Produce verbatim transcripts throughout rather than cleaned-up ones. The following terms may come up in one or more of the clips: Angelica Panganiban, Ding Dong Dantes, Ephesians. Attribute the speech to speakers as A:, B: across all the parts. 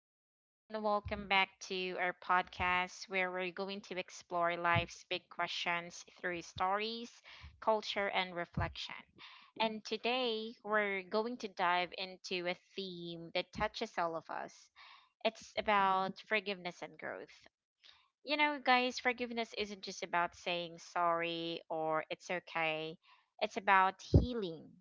A: everyone, and welcome back to our podcast where we're going to explore life's big questions through stories, culture, and reflection. And today, we're going to dive into a theme that touches all of us. It's about forgiveness and growth. You know, guys, forgiveness isn't just about saying sorry or it's okay. It's about healing,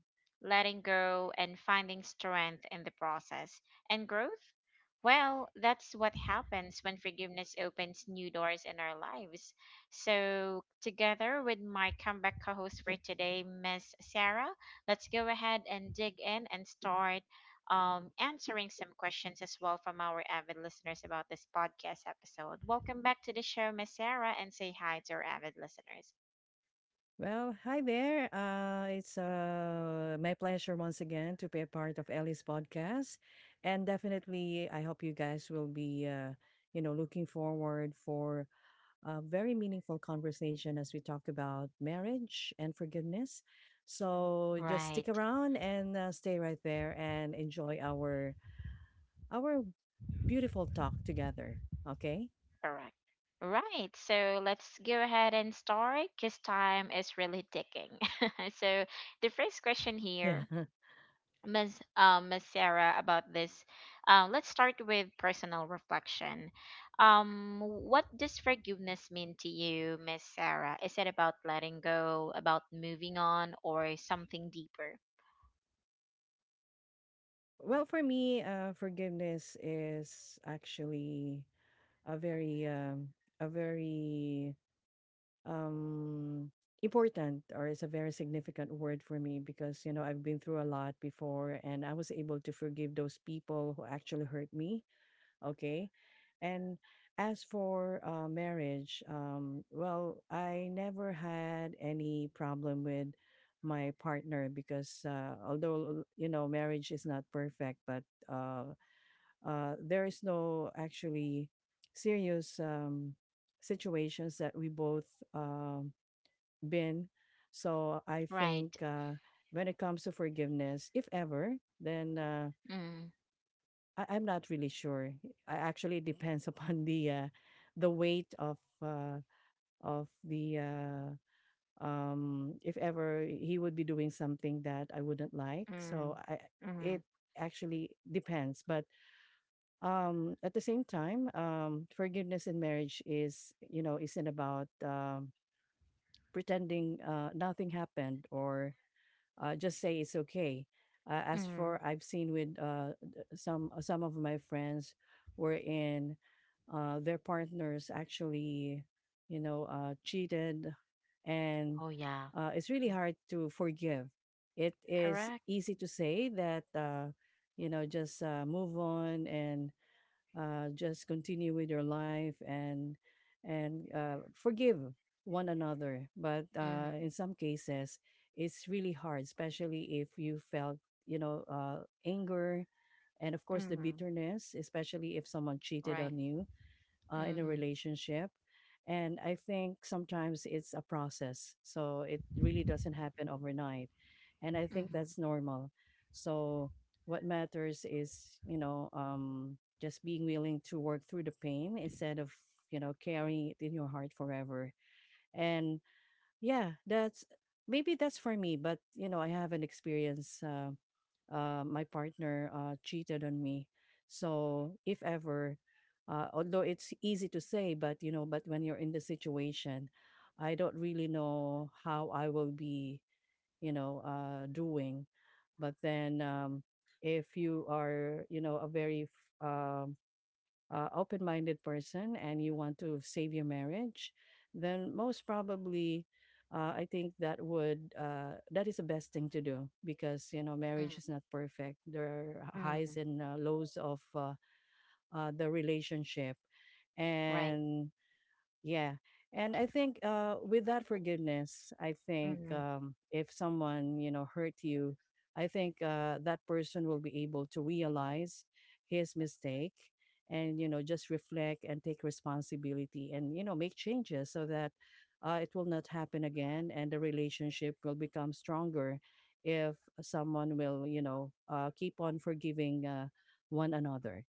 A: letting go, and finding strength in the process. And growth? Well, that's what happens when forgiveness opens new doors in our lives. So, together with my comeback co host for today, Miss Sarah, let's go ahead and dig in and start um, answering some questions as well from our avid listeners about this podcast episode. Welcome back to the show, Miss Sarah, and say hi to our avid listeners.
B: Well, hi there. Uh, it's uh, my pleasure once again to be a part of Ellie's podcast. And definitely, I hope you guys will be, uh, you know, looking forward for a very meaningful conversation as we talk about marriage and forgiveness. So just stick
A: Right.
B: around and uh, stay right there and enjoy our our beautiful talk together. Okay?
A: Correct. Right. So let's go ahead and start because time is really ticking. so the first question
B: Yeah.
A: here. Miss Um, Ms. Sarah, about this. Uh, let's start with personal reflection. Um, what does forgiveness mean to you, Miss Sarah? Is it about letting go, about moving on, or something deeper?
B: Well, for me, uh, forgiveness is actually a very um, a very um, important or is a very significant word for me because you know I've been through a lot before and I was able to forgive those people who actually hurt me. Okay, and as for uh, marriage, um, well, I never had any problem with my partner because uh, although you know marriage is not perfect, but uh, uh, there is no actually serious um, situations that we both um, been. So I think
A: Right.
B: uh, when it comes to forgiveness, if ever, then uh,
A: Mm.
B: I- I'm not really sure. I actually it depends upon the uh, the weight of uh, of the uh, um, if ever he would be doing something that I wouldn't like.
A: Mm,
B: So I it
A: mm,
B: actually depends, but um at the same time um forgiveness in marriage is you know isn't about um pretending uh nothing happened or uh just say it's okay uh, as
A: mm,
B: for I've seen with uh th- some uh, some of my friends wherein uh their partners actually you know uh cheated and
A: oh yeah.
B: uh it's really
A: Mm.
B: hard to forgive. It is
A: Correct.
B: easy to say that uh you know just uh, move on and uh, just continue with your life and and uh, forgive one another. But uh,
A: Mm,
B: in some cases, it's really hard, especially if you felt you know uh, anger and of course the
A: mm,
B: bitterness, especially if someone cheated
A: right.
B: on you uh, in a
A: Mm,
B: relationship. And I think sometimes it's a process. So it really doesn't happen overnight. And I think
A: mm.
B: that's normal. So what matters is, you know, um, just being willing to work through the pain instead of, you know, carrying it in your heart forever. And yeah, that's maybe that's for me, but you know, I haven't experienced uh, uh, my partner uh, cheated on me. So if ever, uh, although it's easy to say, but you know, but when you're in the situation, I don't really know how I will be, you know, uh, doing. But then, um, if you are, you know, a very f- um uh, open-minded person and you want to save your marriage, then most probably, uh, I think that would uh, that is the best thing to do because you know marriage
A: Mm,
B: is not perfect. There are highs
A: mm,
B: and uh, lows of uh, uh, the relationship,
A: right.
B: and yeah. And I think uh, with that forgiveness, I think um, if someone, you know, hurt you, I think uh, that person will be able to realize his mistake and, you know, just reflect and take responsibility and, you know, make changes so that uh, it will not happen again and the relationship will become stronger if someone will, you know, uh, keep on forgiving uh, one another.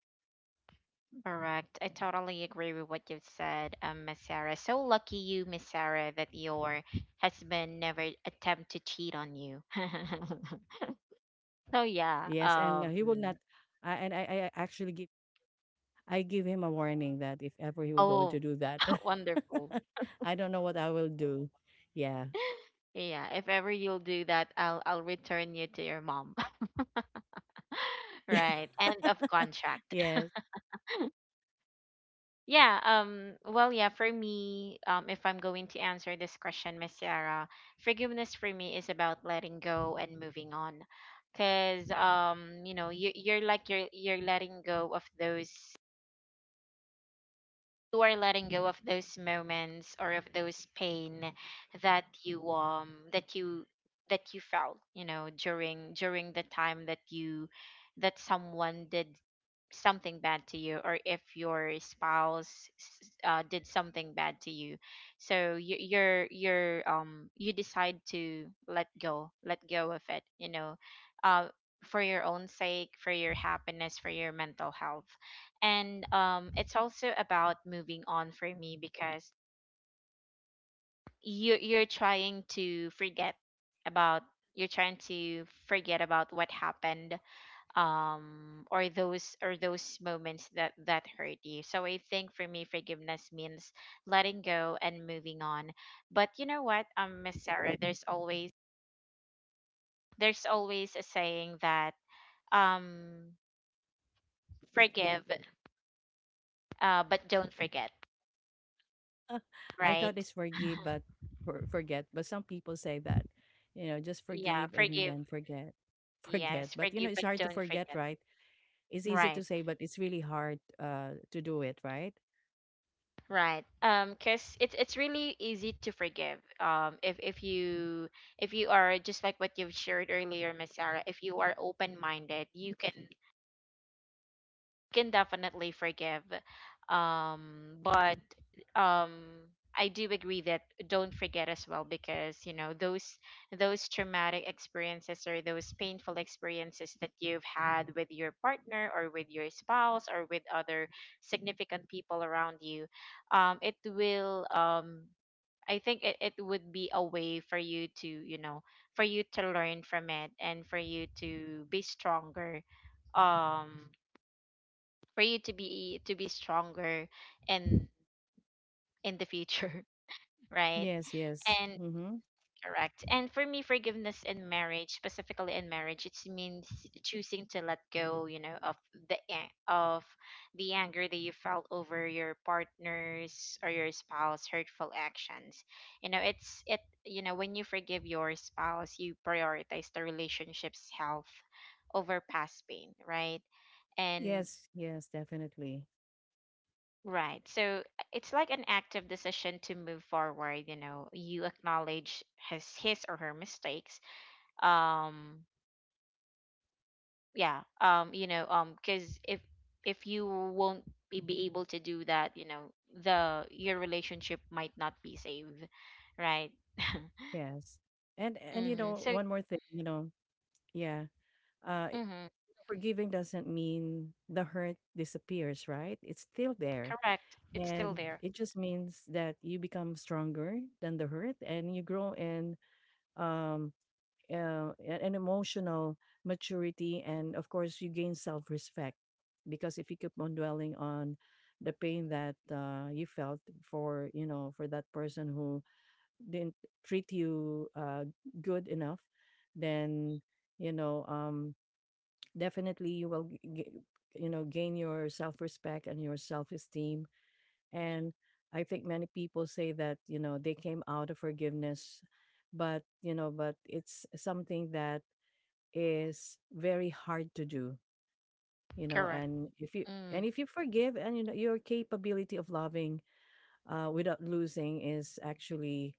A: Correct. I totally agree with what you've said, um, Miss Sarah. So lucky you, Miss Sarah, that your husband never attempt to cheat on you. so yeah,
B: Yes. And uh,
A: um,
B: he will not, I and I, I actually give I give him a warning that if ever he will going to
A: oh,
B: do that,
A: wonderful.
B: I don't know what I will do. Yeah.
A: Yeah, if ever you'll do that, I'll I'll return you to your mom.
B: Yeah.
A: Right. End of contract.
B: Yes.
A: Yeah, um, well, yeah, for me, um, if I'm going to answer this question, Miss Sarah, forgiveness for me is about letting go and moving on. Cause um, you know, you you're like you're you're letting go of those you are letting go of those moments or of those pain that you um that you that you felt, you know, during during the time that you that someone did something bad to you or if your spouse s- uh, did something bad to you so you, you're you're um you decide to let go let go of it, you know, uh, for your own sake, for your happiness, for your mental health. And um, it's also about moving on for me because you you're trying to forget about you're trying to forget about what happened, um, or those or those moments that that hurt you. So I think for me forgiveness means letting go and moving on. But you know what, um Miss Sarah, there's always there's always a saying that, um forgive uh but don't forget,
B: I
A: right?
B: thought it's forgive but for, forget. But some people say that, you know, just
A: Yeah,
B: forgive and
A: forgive.
B: then forget.
A: Yes,
B: Forget. But you
A: forgive
B: know, it's
A: but
B: hard to
A: don't
B: forget,
A: forget,
B: right? It's easy
A: right?
B: to say, but it's really hard uh to do it, right?
A: Right. Um, cause it's it's really easy to forgive. Um, if if you, if you are just like what you've shared earlier, Miss Sarah, if you are open minded, you can can definitely forgive. Um, but um, I do agree that don't forget as well because, you know, those those traumatic experiences or those painful experiences that you've had with your partner or with your spouse or with other significant people around you, um, it will um, I think it, it would be a way for you to you know for you to learn from it and for you to be stronger, um for you to be to be stronger in in the future. Right.
B: Yes, yes.
A: And
B: Mm-hmm.
A: correct, and for me forgiveness in marriage, specifically in marriage, it means choosing to let go, you know, of the a- of the anger that you felt over your partner's or your spouse's hurtful actions. You know, it's it, you know, when you forgive your spouse, you prioritize the relationship's health over past pain, right? And
B: Yes, yes, definitely.
A: right. So it's like an active decision to move forward, you know. You acknowledge his his or her mistakes. Um yeah, um, you know, um, cuz if if you won't be, be able to do that, you know, the your relationship might not be saved, right?
B: Yes. And and you
A: Mhm.
B: know,
A: So
B: one more thing, you know, yeah. Uh
A: mhm,
B: Forgiving doesn't mean the hurt disappears, right? It's still there.
A: correct. It's still
B: And
A: there.
B: it just means that you become stronger than the hurt and you grow in um uh, a- an emotional maturity, and of course you gain self-respect. Because if you keep on dwelling on the pain that uh, you felt for you know for that person who didn't treat you uh, good enough, then you know um definitely you will g- g- you know gain your self-respect and your self-esteem. And I think many people say that you know they came out of forgiveness, but you know but it's something that is very hard to do, you know.
A: Correct.
B: and if you
A: Mm,
B: and if you forgive and you know your capability of loving uh, without losing is actually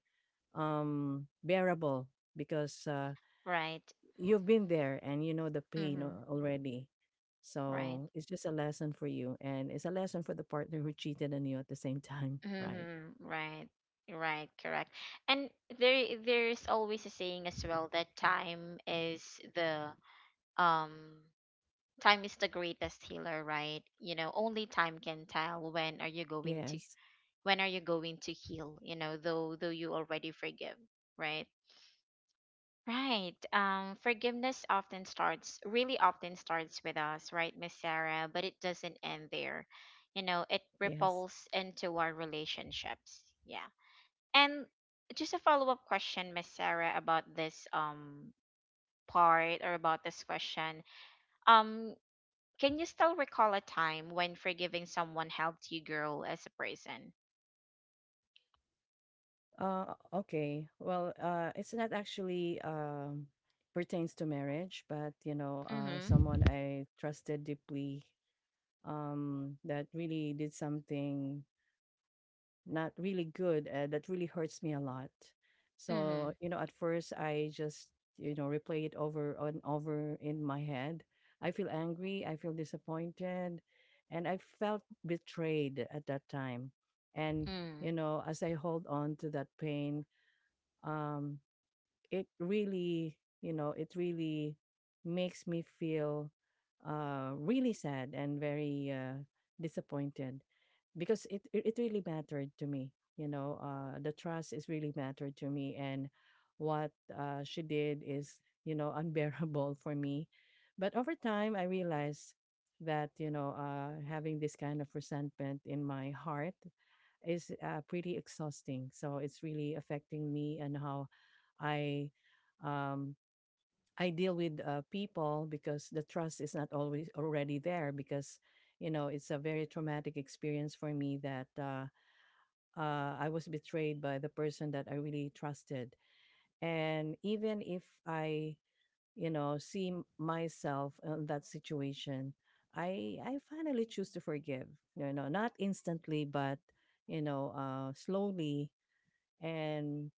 B: um bearable, because uh,
A: right.
B: you've been there and you know the pain
A: Mhm.
B: al- already.
A: Right.
B: So it's just a lesson for you and it's a lesson for the partner who cheated on you at the same time, right?
A: Mhm, right. Right, correct. And there there's always a saying as well that time is the um time is the greatest healer, right? You know, only time can tell when are you going to
B: Yes.
A: when are you going to heal, you know, though though you already forgive, right? Right. Um forgiveness often starts really often starts with us, right, Miss Sarah, but it doesn't end there. You know, it
B: Yes.
A: ripples into our relationships. Yeah. And just a follow up question, Miss Sarah, about this um part or about this question. Um, can you still recall a time when forgiving someone helped you grow as a person?
B: Uh okay. Well, uh it's not actually um pertains to marriage, but you know, uh someone
A: Mm-hmm.
B: I trusted deeply um that really did something not really good and that really hurts me a lot. So
A: Mm-hmm.
B: you know at first I just you know replay it over and over in my head. I feel angry, I feel disappointed, and I felt betrayed at that time. And you know as I hold on to that pain, um it really you know it really makes me feel uh really sad and very uh disappointed, because it it it really mattered to me. You know uh the trust is really mattered to me, and what uh she did is you know unbearable for me. But over time I realized that you know uh having this kind of resentment in my heart is uh, pretty exhausting. So it's really affecting me and how I um I deal with uh, people, because the trust is not always already there because you know it's a very traumatic experience for me that uh, uh, I was betrayed by the person that I really trusted, and even if I you know see m- myself in that situation, I I finally choose to forgive. You know, not instantly, but you know, uh, slowly, and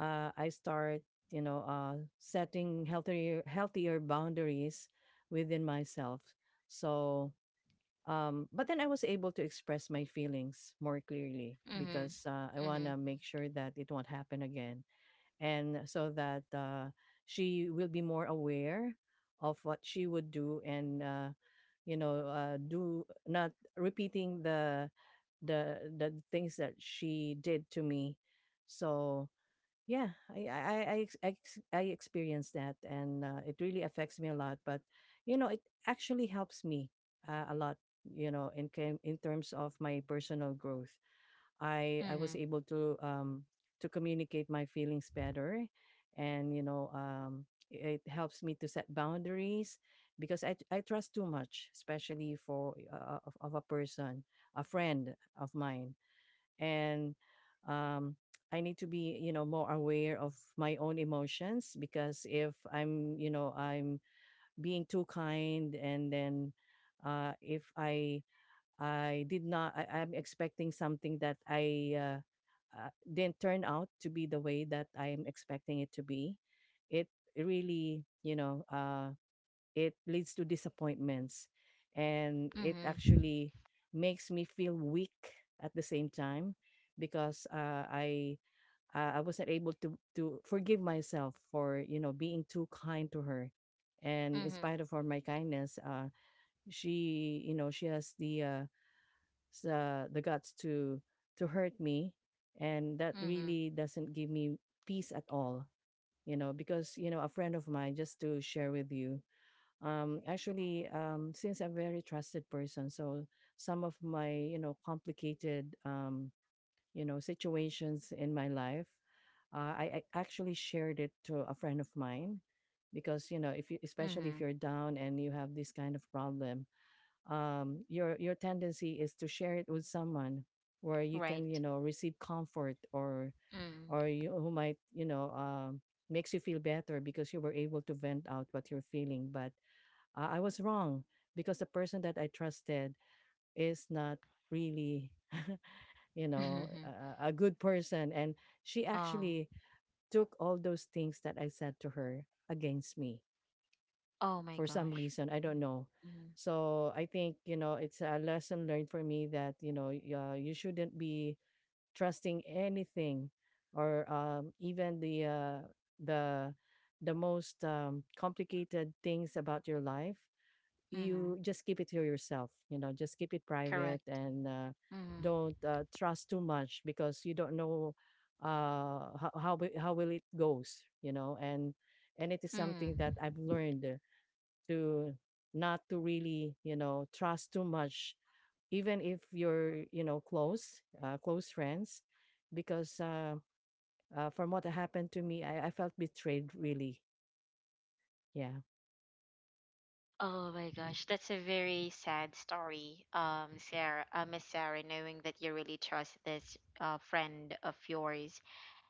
B: uh, I start, you know, uh, setting healthier healthier boundaries within myself. So, um, but then I was able to express my feelings more clearly
A: Mm-hmm.
B: because uh, I
A: Mm-hmm.
B: want to make sure that it won't happen again, and so that uh, she will be more aware of what she would do. And. Uh, you know, uh, do not repeating the the the things that she did to me. So yeah, I I I I ex- I ex- I experienced that, and uh, it really affects me a lot. But you know, it actually helps me uh, a lot. You know, in cam- in terms of my personal growth, I I
A: Mm-hmm.
B: was able to um to communicate my feelings better, and you know, um, it helps me to set boundaries because I I trust too much, especially for uh, of, of a person, a friend of mine. And um, I need to be, you know, more aware of my own emotions because if I'm, you know, I'm being too kind, and then uh, if I I did not I, I'm expecting something that I uh, uh, didn't turn out to be the way that I'm expecting it to be, it really, you know, uh, it leads to disappointments, and it
A: Mm-hmm.
B: actually makes me feel weak at the same time because uh, I uh, I wasn't able to to forgive myself for you know being too kind to her, and
A: Mm-hmm.
B: in
A: Mm-hmm.
B: spite of all my kindness, uh, she you know she has the uh, s- uh, the guts to to hurt me, and that
A: Mm-hmm.
B: really doesn't give me peace at all. You know, because you know a friend of mine, just to share with you, um, actually, um, since I'm a very trusted person, so some of my you know complicated um, you know situations in my life, uh, I, I actually shared it to a friend of mine, because you know if you, especially
A: Mm-hmm.
B: if you're down and you have this kind of problem, um, your your tendency is to share it with someone where you can
A: Right.
B: you know receive comfort or or you who might you know um, makes you feel better, because you were able to vent out what you're feeling. But uh, I was wrong because the person that I trusted is not really, you know,
A: Mm-hmm.
B: a, a good person. And she
A: Oh.
B: actually took all those things that I said to her against me
A: Oh my
B: for some
A: gosh.
B: reason. I don't know.
A: Mm-hmm.
B: So I think, you know, it's a lesson learned for me that, you know, y- uh, you shouldn't be trusting anything or um, even the, uh, the, the most um, complicated things about your life.
A: Mm-hmm.
B: You just keep it to yourself, you know, just keep it private.
A: Correct.
B: And uh,
A: Mm-hmm.
B: don't uh, trust too much because you don't know uh how how, wi- how will it goes, you know. And and it is
A: Mm.
B: something that I've learned, uh, to not to really, you know, trust too much, even if you're, you know, close uh, close friends. Because uh, uh from what happened to me, I, I felt betrayed, really. Yeah.
A: Oh my gosh, that's a very sad story, um, Sarah, uh, Miss Sarah, knowing that you really trust this uh, friend of yours.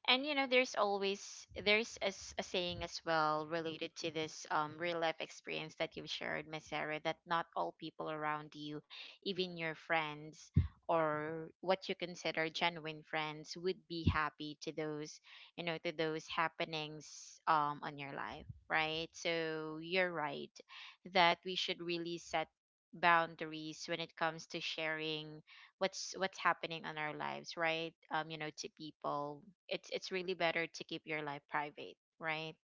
A: And you know, there's always there's a, s- a saying as well related to this um real life experience that you've shared, Miss Sarah, that not all people around you, even your friends or what you consider genuine friends, would be happy to those, you know, to those happenings um on your life, right? So you're right that we should really set boundaries when it comes to sharing what's what's happening on our lives, right? um you know, to people, it's it's really better to keep your life private, right?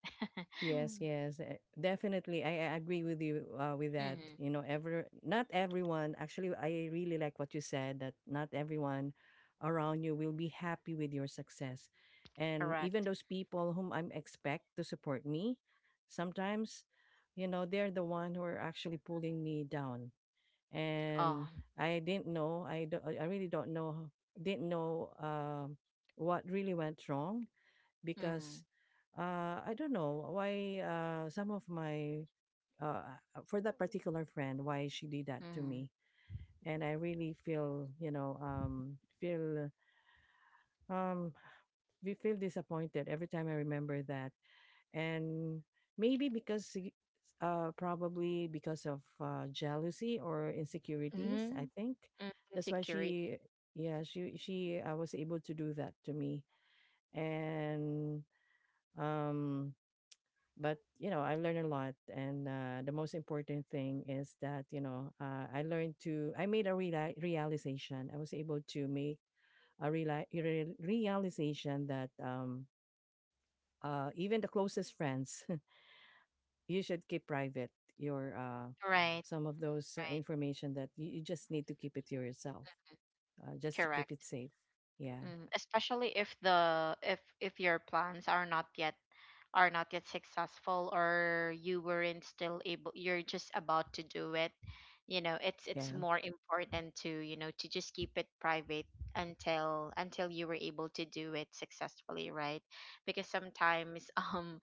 B: Yes, yes, eh, definitely. I, I agree with you uh, with that.
A: Mm-hmm.
B: You know, ever not everyone. Actually, I really like what you said, that not everyone around you will be happy with your success, and even
A: Correct.
B: those people whom I'm expect to support me, sometimes, you know, they're the one who are actually pulling me down.
A: Oh.
B: And I didn't know. I do, I really don't know. Didn't know um, what really went wrong.
A: Mm.
B: Because uh, I don't know why, uh, some of my uh, uh, for that particular friend, why she did that to
A: Mm.
B: me. And I really feel, you know, um, feel um, we feel disappointed every time I remember that. And maybe because y- uh, probably because of uh, jealousy or insecurities, I
A: Mm.
B: think
A: Mm,
B: that's why
A: insecurity.
B: she yeah she she uh, was able to do that to me. And um but you know, I learned a lot. And uh, the most important thing is that, you know, uh, I learned to I made a reali- realization. I was able to make a reali- re- realization that, um, uh, even the closest friends, you should keep private your uh,
A: Right.
B: some of those uh,
A: Right.
B: information that you, you just need to keep it to yourself, uh, just to keep
A: Correct.
B: it safe. Yeah.
A: Mm. Especially if the if if your plans are not yet are not yet successful or you weren't still able, you're just about to do it, you know, it's it's
B: Yeah.
A: more important to, you know, to just keep it private until until you were able to do it successfully, right? Because sometimes um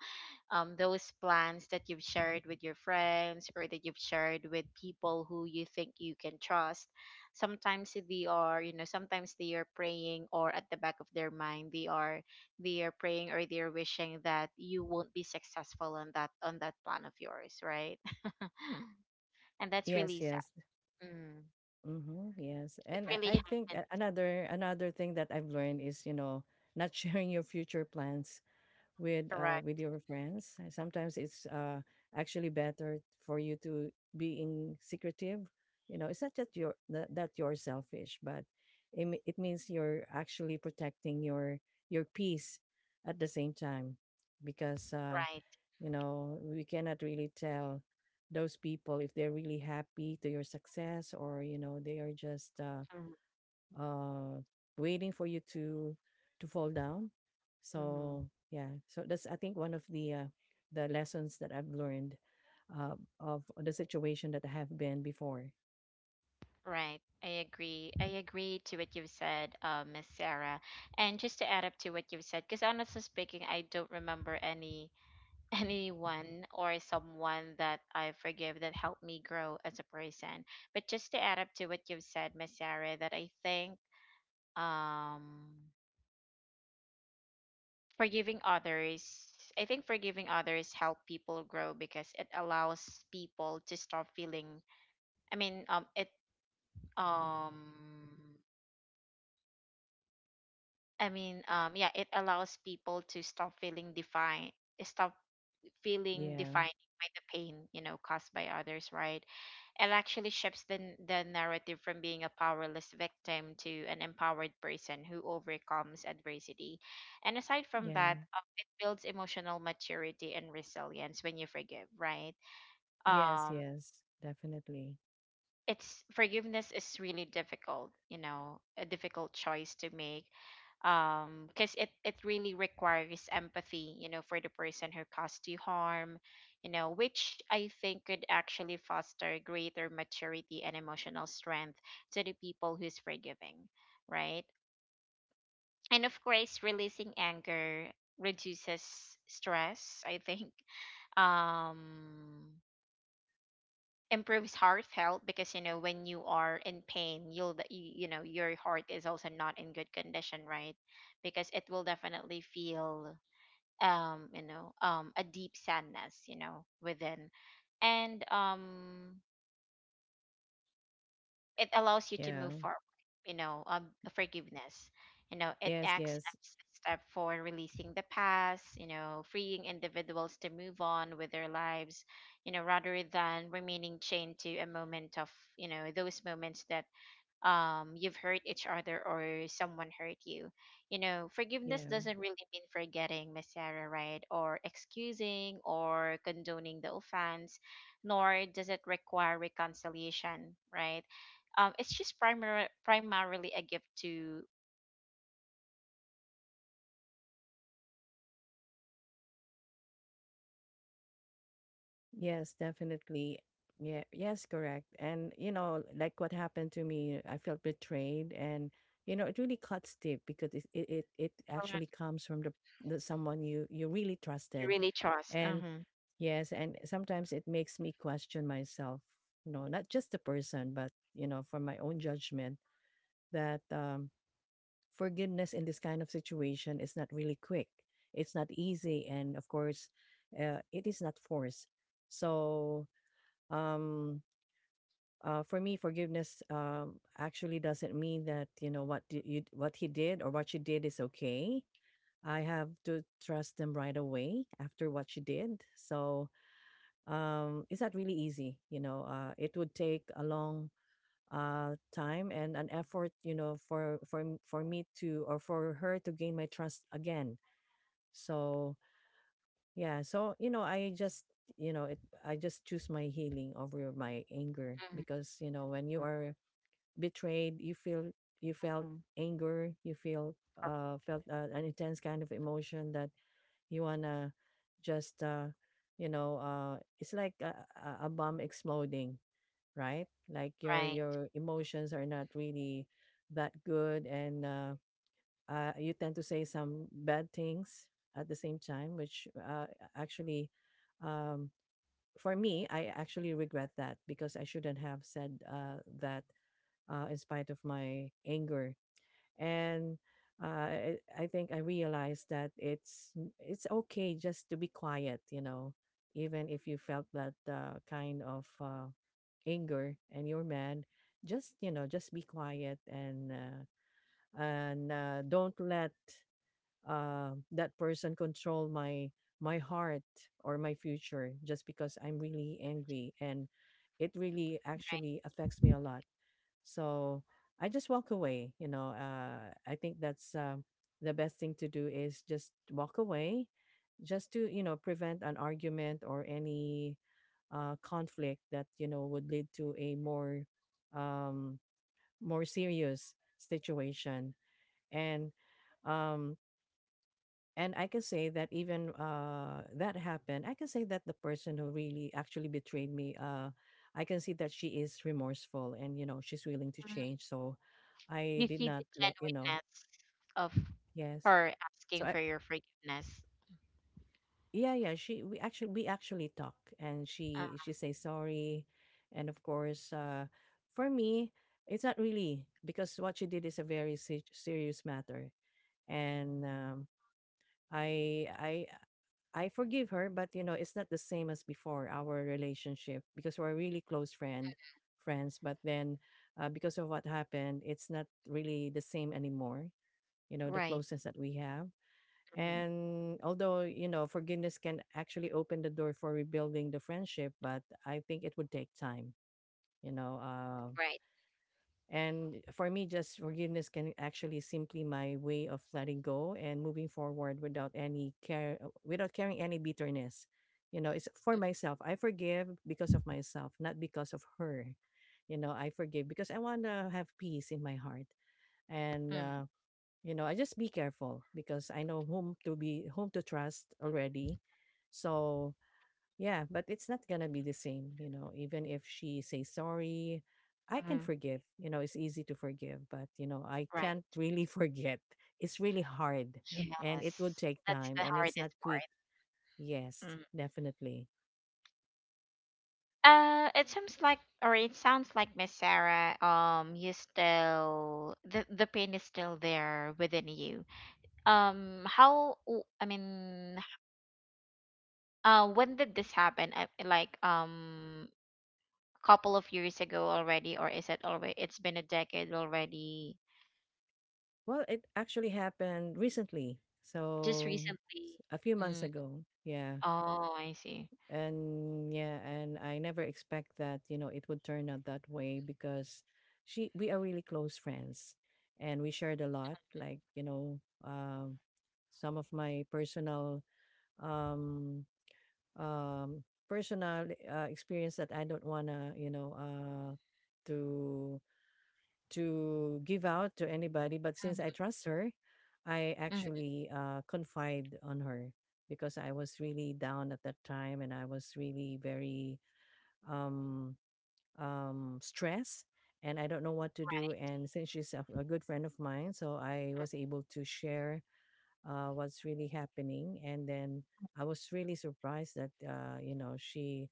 A: um, those plans that you've shared with your friends or that you've shared with people who you think you can trust, sometimes they are, you know, sometimes they are praying or at the back of their mind they are, they are praying or they are wishing that you won't be successful on that on that plan of yours, right? And that's
B: Yes,
A: really sad.
B: yes.
A: Mm.
B: Mm-hmm, yes.
A: It
B: And I,
A: really
B: I think
A: happens.
B: a- another another thing that I've learned is, you know, not sharing your future plans with uh with
A: Correct.
B: your friends. And sometimes it's uh actually better for you to being secretive. You know, it's not that you're that, that you're selfish, but it, me- it means you're actually protecting your your peace at the same time. Because uh
A: Right.
B: you know, we cannot really tell those people if they're really happy to your success, or you know, they are just uh, uh, waiting for you to to fall down. So
A: Mm-hmm.
B: yeah, so that's, I think, one of the uh, the lessons that I've learned, uh, of the situation that I have been before.
A: Right. I agree. I agree to what you've said, uh, Miss Sarah. And just to add up to what you've said, because honestly speaking, I don't remember any anyone or someone that I forgive that helped me grow as a person. But just to add up to what you've said, Miss Sarah, that I think um forgiving others, I think forgiving others help people grow because it allows people to stop feeling I mean um it um I mean, um, yeah, it allows people to stop feeling defined, stop feeling
B: Yeah,
A: defined by the pain, you know, caused by others, right? It actually shifts the n- the narrative from being a powerless victim to an empowered person who overcomes adversity. And aside from that,
B: yeah,
A: um, it builds emotional maturity and resilience when you forgive, right?
B: yes,
A: Um,
B: yes, definitely.
A: it's forgiveness is really difficult, you know, a difficult choice to make, um because it it really requires empathy, you know, for the person who caused you harm, you know, which I think could actually foster greater maturity and emotional strength to the people who's forgiving, right? And of course releasing anger reduces stress, I think, um improves heartfelt because, you know, when you are in pain you'll d- y- you know your heart is also not in good condition, right? Because it will definitely feel, um you know, um, a deep sadness, you know, within. And um, it allows you to
B: Yeah,
A: move forward, you know, um, forgiveness, you know, it
B: yes,
A: acts
B: yes,
A: as a step for releasing the past, you know, freeing individuals to move on with their lives, you know, rather than remaining chained to a moment of, you know, those moments that, um, you've hurt each other or someone hurt you. You know, forgiveness
B: yeah.
A: doesn't really mean forgetting, Miss Sarah, right? Or excusing or condoning the offense, nor does it require reconciliation, right? um it's just primar- primarily a gift to to yourself, you know, um, to forgive, allowing for peace and a lighter heart, right?
B: Yes,
A: Right.
B: definitely. Yeah,
A: Mm-hmm.
B: yes, correct. And you know, like what happened to me, I felt betrayed. And you know, it really cuts deep because it it it, it actually comes from the, the someone you you really
A: You
B: trusted.
A: really trust.
B: And
A: Uh-huh.
B: yes, and sometimes it makes me question myself, you know, not just the person, but you know, for my own judgment. That um, forgiveness in this kind of situation is not really quick. It's not easy, and of course, uh, it is not forced. So um uh, for me, forgiveness um actually doesn't mean that, you know, what d- you what he did or what she did is okay. I have to trust them right away after what she did. So um it's not really easy, you know. Uh it would take a long uh time and an effort, you know, for for m- for me to, or for her to, gain my trust again. So yeah, so you know, I just, you know, it I just choose my healing over my anger.
A: Mhm.
B: Because you know, when you are betrayed, you feel you felt
A: Mhm.
B: anger. You feel uh felt uh, an intense kind of emotion that you wanna just uh you know, uh it's like a, a a bomb exploding, right? Like your
A: Right.
B: your emotions are not really that good. And uh, uh you tend to say some bad things at the same time, which uh actually, um, for me, I actually regret that because I shouldn't have said uh that, uh, in spite of my anger. And uh, I, I think I realized that it's it's okay just to be quiet, you know, even if you felt that uh, kind of uh, anger and you're mad. Just you know, just be quiet, and uh, and uh, don't let uh, that person control my my heart or my future just because I'm really angry. And it really actually affects me a lot. So I just walk away. You know, uh, I think that's um, the best thing to do is just walk away, just to, you know, prevent an argument or any uh, conflict that, you know, would lead to a more um, more serious situation. And um, and I can say that even uh, that happened, I can say that the person who really actually betrayed me, uh, I can see that she is remorseful and, you know, she's willing to
A: Right.
B: change. So I
A: You
B: did
A: see the
B: not let, you know,
A: genuineness of
B: yes.
A: her
B: So
A: asking
B: I,
A: for your forgiveness.
B: yeah, yeah, she, we actually, we actually talk, and
A: Uh,
B: she, she say sorry. And of course, uh, for me, it's not really because what she did is a very se- serious matter. And um, I I I forgive her, but you know, it's not the same as before, our relationship, because we're really close friend friends. But then, uh, because of what happened, it's not really the same anymore. You know, the
A: right.
B: closeness that we have,
A: Mm,
B: and although you know, forgiveness can actually open the door for rebuilding the friendship, but I think it would take time. You know, uh,
A: right.
B: and for me, just forgiveness can actually simply my way of letting go and moving forward without any care, uh, without carrying any bitterness. You know, it's for myself. I forgive because of myself, not because of her. You know, I forgive because I want to have peace in my heart. And,
A: Mm,
B: uh, you know, I just be careful because I know whom to be, whom to trust already. So yeah, but it's not gonna be the same, you know, even if she says sorry, I can
A: mm,
B: forgive. You know, it's easy to forgive, but you know, I
A: right.
B: can't really forget. It's really hard, and it would
A: Yes.
B: take
A: That's
B: time,
A: the
B: and it's not
A: hardest
B: quick.
A: part.
B: Yes,
A: Mm.
B: definitely.
A: Uh, it seems like, or it sounds like, Miss Sarah, um, you still the the pain is still there within you. Um, how? w- I mean, uh, when did this happen? Uh, Like, um, couple of years ago already, or is it already? It's been a decade already.
B: Well, it actually happened recently.
A: Just
B: So
A: recently.
B: s- a few months
A: Mm.
B: ago. Yeah.
A: Oh, I see.
B: And yeah, and I never expect that, you know, it would turn out that way. Because she we are really close friends, and we shared a lot, like you know, um some of my personal, um um personal uh, experience that I don't want to, you know, uh to to give out to anybody. But since
A: Mm,
B: I trust her, I
A: mm, mm,
B: actually uh, confide on her, because I was really down at that time, and I was really very um, um, stressed, and I don't know what to do. And since she's a, a good friend of mine, so I was able to share uh, what's really happening. And then I was really surprised that, uh, you know, she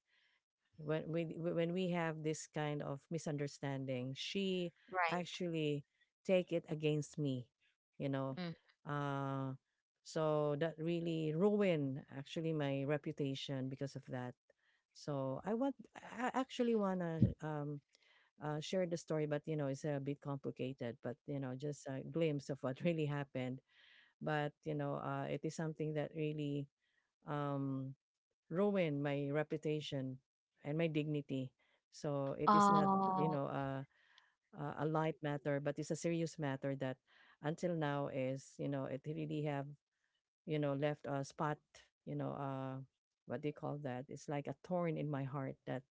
B: when we when we have this kind of misunderstanding, she
A: right.
B: actually take it against me, you know.
A: Mm.
B: Uh so that really ruined actually my reputation because of that. So i want i I actually want to um uh, share the story, but you know, it's a bit complicated, but you know, just a glimpse of what really happened. But you know, uh, it is something that really um ruin my reputation and my dignity. So it is not, you
A: Oh,
B: know, a a a light matter, but it's a serious matter that until now is, you know, it really have, you know, left a spot, you know, uh, what do you call that? It's like a thorn in my heart that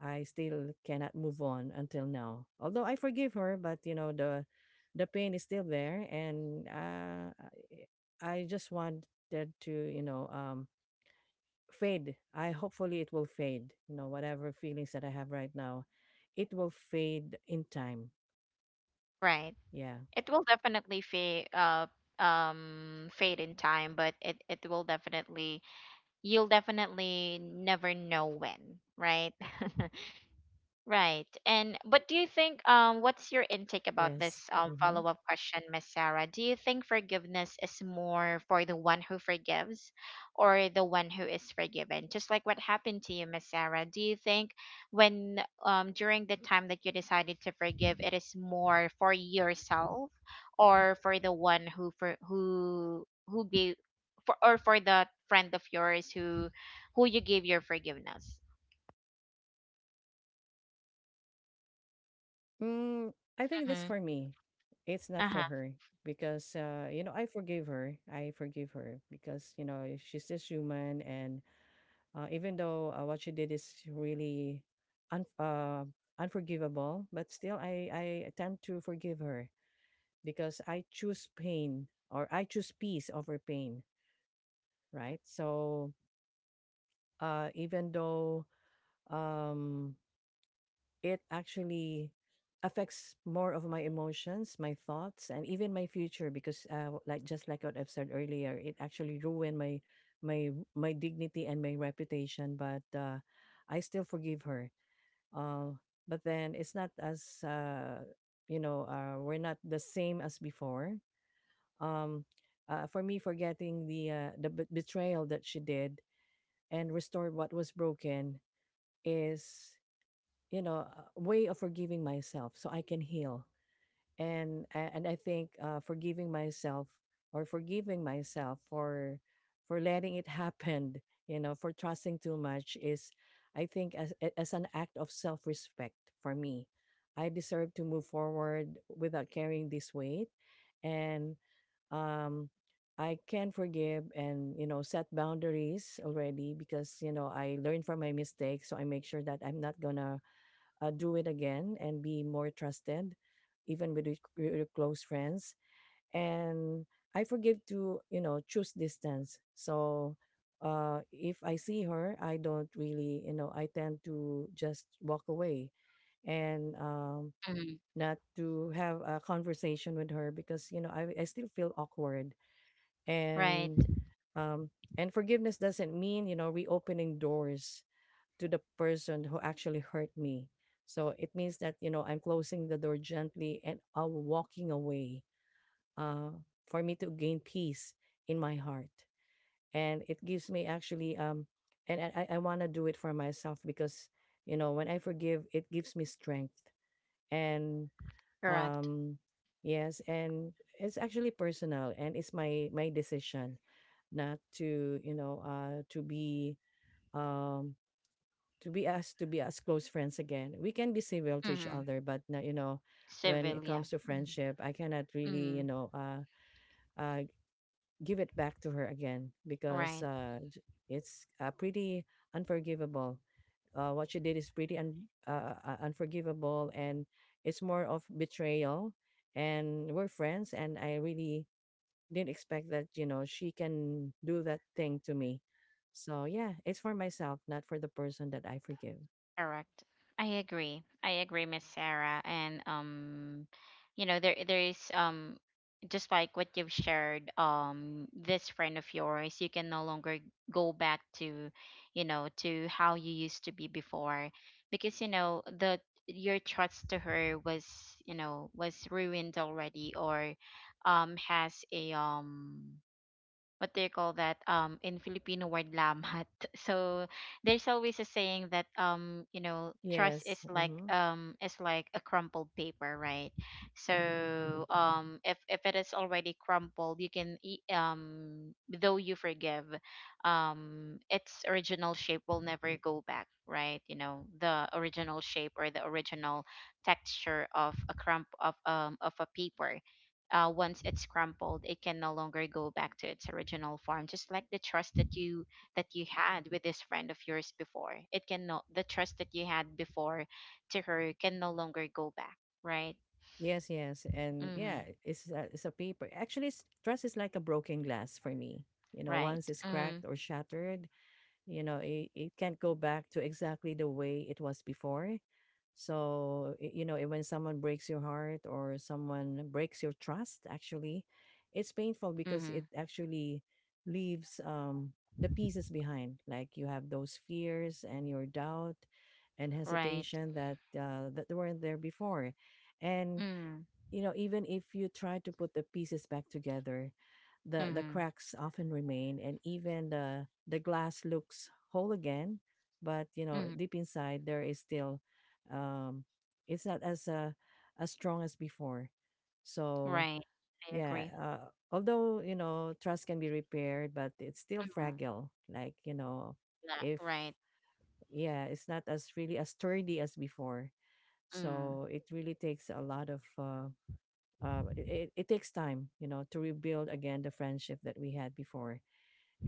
B: I still cannot move on until now. Although I forgive her, but you know, the the pain is still there, and uh, I I just wanted to, you know, um, fade. I hopefully it will fade. You know, whatever feelings that I have right now, it will fade in time.
A: right.
B: Yeah.
A: It will definitely fade uh um fade in time, but it it will definitely you'll definitely never know when, right? Right. And but do you think, um what's your intake about
B: Yes.
A: this um
B: Mm-hmm.
A: follow-up question, Miss Sarah? Do you think forgiveness is more for the one who forgives or the one who is forgiven? Just like what happened to you, Miss Sarah. Do you think when um during the time that you decided to forgive, it is more for yourself or for the one who for who who gave for or for the friend of yours who who you gave your forgiveness?
B: Mm, I think that's
A: Mm-hmm.
B: for me. It's not for
A: Uh-huh.
B: her, because uh, you know, I forgive her. I forgive her because, you know, she's just human. And uh, even though uh, what she did is really un- uh, unforgivable, but still I I tend to forgive her, because I choose pain, or I choose peace over pain, right? So uh, even though um, it actually affects more of my emotions, my thoughts, and even my future. Because uh, like just like what I've said earlier, it actually ruined my my my dignity and my reputation. But uh, I still forgive her. Uh, but then it's not as uh, you know, uh, we're not the same as before. Um, uh, for me, forgetting the uh, the bet- betrayal that she did and restore what was broken is you know a way of forgiving myself so I can heal, and a- and I think uh, forgiving myself or forgiving myself for for letting it happen, you know for trusting too much is, I think, as a- as an act of self-respect. For me, I deserve to move forward without carrying this weight. And um I can forgive and you know set boundaries already because you know I learned from my mistakes, so I make sure that I'm not gonna uh, do it again and be more trusted, even with your- with your close friends. And I forgive to you know choose distance. So uh, if I see her, I don't really you know I tend to just walk away. And um,
A: Mm-hmm.
B: Not to have a conversation with her because you know I I still feel awkward.
A: Right.
B: And um and forgiveness doesn't mean you know reopening doors to the person who actually hurt me, so it means that you know I'm closing the door gently and I'm walking away, uh for me to gain peace in my heart. And it gives me actually um and I i want to do it for myself because you know when I forgive, it gives me strength. And
A: Correct.
B: um yes, and it's actually personal and it's my my decision, not to you know uh to be um to be us to be as close friends again. We can be civil to each
A: Mm-hmm.
B: other, but now, you know when it
A: Civil, yeah.
B: comes to friendship, I cannot really,
A: Mm-hmm.
B: you know uh uh give it back to her again, because
A: Right.
B: uh j- it's uh, pretty unforgivable. Uh, what she did is pretty un- uh, uh, uh, unforgivable, and it's more of betrayal. And we're friends, and I really didn't expect that you know she can do that thing to me. So yeah, it's for myself, not for the person that I forgive.
A: Correct. I agree. I agree, Miss Sarah. And, um, you know, there there is um just like what you've shared, um, this friend of yours, you can no longer go back to, you know, to how you used to be before. Because, you know, the your trust to her was, you know, was ruined already, or um has a um what do you call that, um in Filipino word, lamat. So there's always a saying that, um you know trust
B: Yes.
A: is like,
B: Hmm.
A: um is like a crumpled paper, right? So, um if if it is already crumpled, you can e- um though you forgive, um its original shape will never go back, right? You know, the original shape, or the original texture of a crump of um of a paper, uh, once it's crumpled, it can no longer go back to its original form. Just like the trust that you that you had with this friend of yours before, it can no the trust that you had before to her can no longer go back. Right.
B: Yes. Yes, and yeah,
A: Mm-hmm.
B: it's a, it's a paper actually it's, trust is like a broken glass for me. You know,
A: Right.
B: once it's
A: Mm.
B: cracked or shattered, you know, it, it can't go back to exactly the way it was before. So y- you know, eh, when someone breaks your heart or someone breaks your trust, actually it's painful
A: Mm-hmm.
B: because it actually leaves um the pieces behind. Like, you have those fears and your doubt and
A: Right.
B: hesitation that uh, that weren't there before. And
A: Mm.
B: you know, even if you try to put the pieces back together, the the
A: Mm-hmm.
B: cracks often remain, and even the the glass looks whole again, but you know
A: Mm-hmm.
B: deep inside there is still, um it's not as uh, as strong as before. So
A: Right. I
B: yeah,
A: agree.
B: uh, although you know trust can be repaired, but it's still
A: Mm-hmm.
B: fragile. Like, you know,
A: Yeah.
B: if
A: Right.
B: yeah, it's not as really as sturdy as before.
A: Mm.
B: So it really takes a lot of uh, uh, it, it takes time, you know, to rebuild again the friendship that we had before.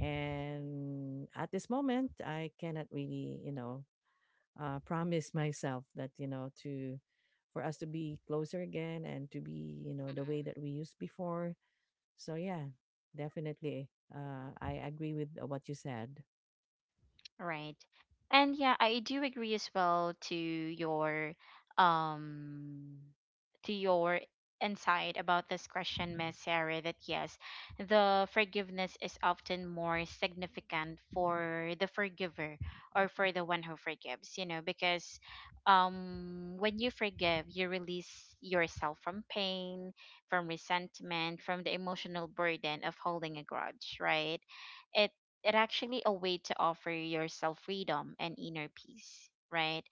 B: And at this moment, I cannot really, you know, uh, promise myself that, you know, to for us to be closer again and to be, you know, the way that we used before. So yeah, definitely. Uh, I agree with uh, what you said.
A: Right. And yeah, I do agree as well to your um to your insight about this question, Miss Sarah, that yes, the forgiveness is often more significant for the forgiver, or for the one who forgives, you know, because um when you forgive, you release yourself from pain, from resentment, from the emotional burden of holding a grudge, right? it it actually a way to offer yourself freedom and inner peace, right?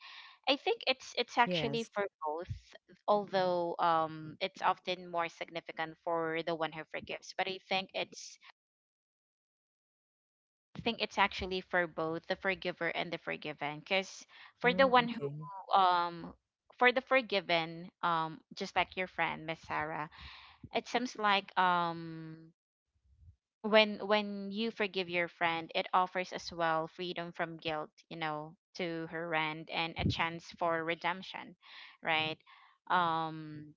A: I think it's it's actually
B: Yes.
A: for both. Although, um it's often more significant for the one who forgives, but i think it's I think it's actually for both, the forgiver and the forgiven, because for the
B: Mm,
A: one who
B: okay.
A: um for the forgiven, um just like your friend, Miss Sarah, it seems like, um when when you forgive your friend, it offers as well freedom from guilt, you know, to her end, and a chance for redemption, right? um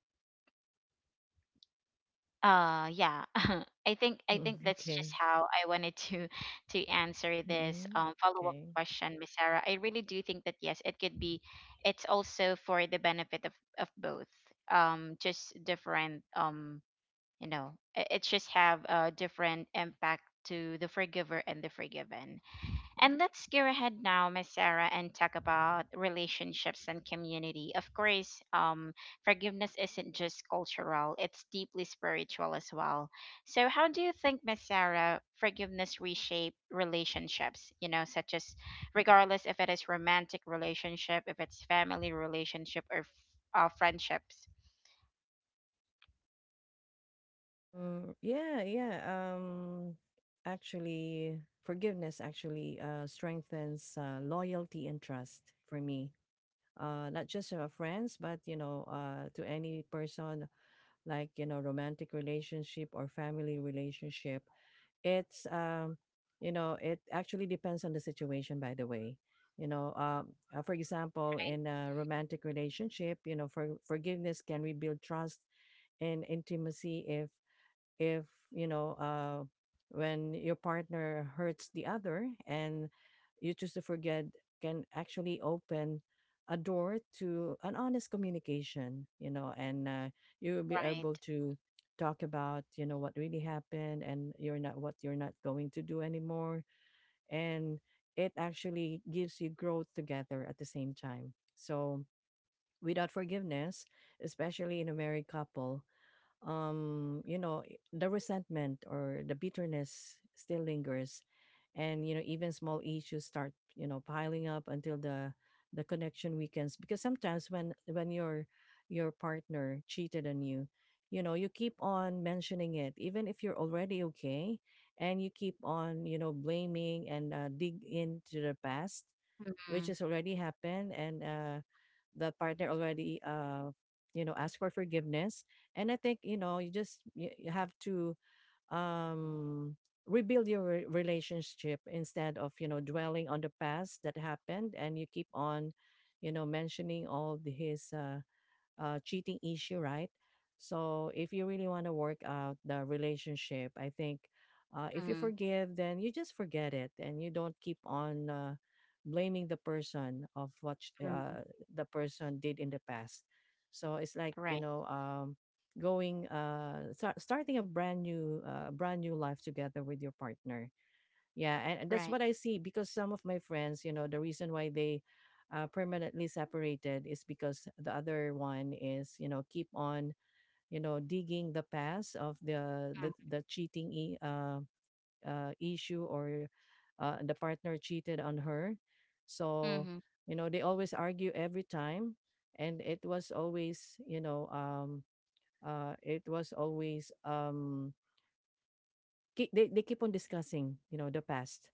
A: uh yeah. i think I
B: Mm,
A: think that's just
B: okay.
A: how I wanted to to answer this
B: Mm,
A: um follow-up
B: okay.
A: question, Miss Sarah. I really do think that yes, it could be, it's also for the benefit of of both. Um just different. Um you know, i- it's just have a different impact to the forgiver and the forgiven. And let's go ahead now, Miss Sarah, and talk about relationships and community. Of course, um forgiveness isn't just cultural, it's deeply spiritual as well. So how do you think, Miss Sarah, forgiveness reshape relationships, you know, such as, regardless if it is romantic relationship, if it's family relationship, or f- uh, friendships?
B: Mm, yeah, yeah. Um, actually, forgiveness actually uh, strengthens uh, loyalty and trust for me. Uh, not just uh, friends, but you know, uh, to any person, like you know, romantic relationship or family relationship. It's um, You know, it actually depends on the situation. By the way, you know, um, uh, for
A: Right.
B: example, in a romantic relationship, you know, for forgiveness can rebuild trust and intimacy. If if you know uh, When your partner hurts the other and you choose to forget, can actually open a door to an honest communication, you know. And uh, You will be
A: Right.
B: able to talk about, you know, what really happened and you're not what you're not going to do anymore. And it actually gives you growth together at the same time. So without forgiveness, especially in a married couple, um you know, i- the resentment or the bitterness still lingers, and you know even small issues start, you know, piling up until the the connection weakens. Because sometimes when when your your partner cheated on you, you know you keep on mentioning it even if you're already okay, and you keep on, you know, blaming and uh, dig into the past,
A: Mm-hmm.
B: which has already happened. And uh the partner already uh you know asked for forgiveness. And I think, you know, you just you, you have to um rebuild your re- relationship instead of, you know, dwelling on the past that happened, and you keep on, you know, mentioning all the, his uh uh, cheating issue, right? So if you really want to work out the relationship, I think uh, if you forgive, then you just forget it, and you don't keep on uh, blaming the person of what sh-
A: Mm-hmm.
B: uh, the person did in the past. So it's like,
A: Right.
B: you know, um, going uh, start, starting a brand new uh, brand new life together with your partner. Yeah, and, and
A: Right.
B: that's what I see, because some of my friends, you know, the reason why they uh, permanently separated is because the other one is, you know, keep on, you know, digging the past of the the, the cheating e- uh, uh, issue, or uh, the partner cheated on her. So,
A: Mm-hmm.
B: you know, they always argue every time, and it was always, you know, um, uh, it was always, um, keep, they they keep on discussing, you know, the past,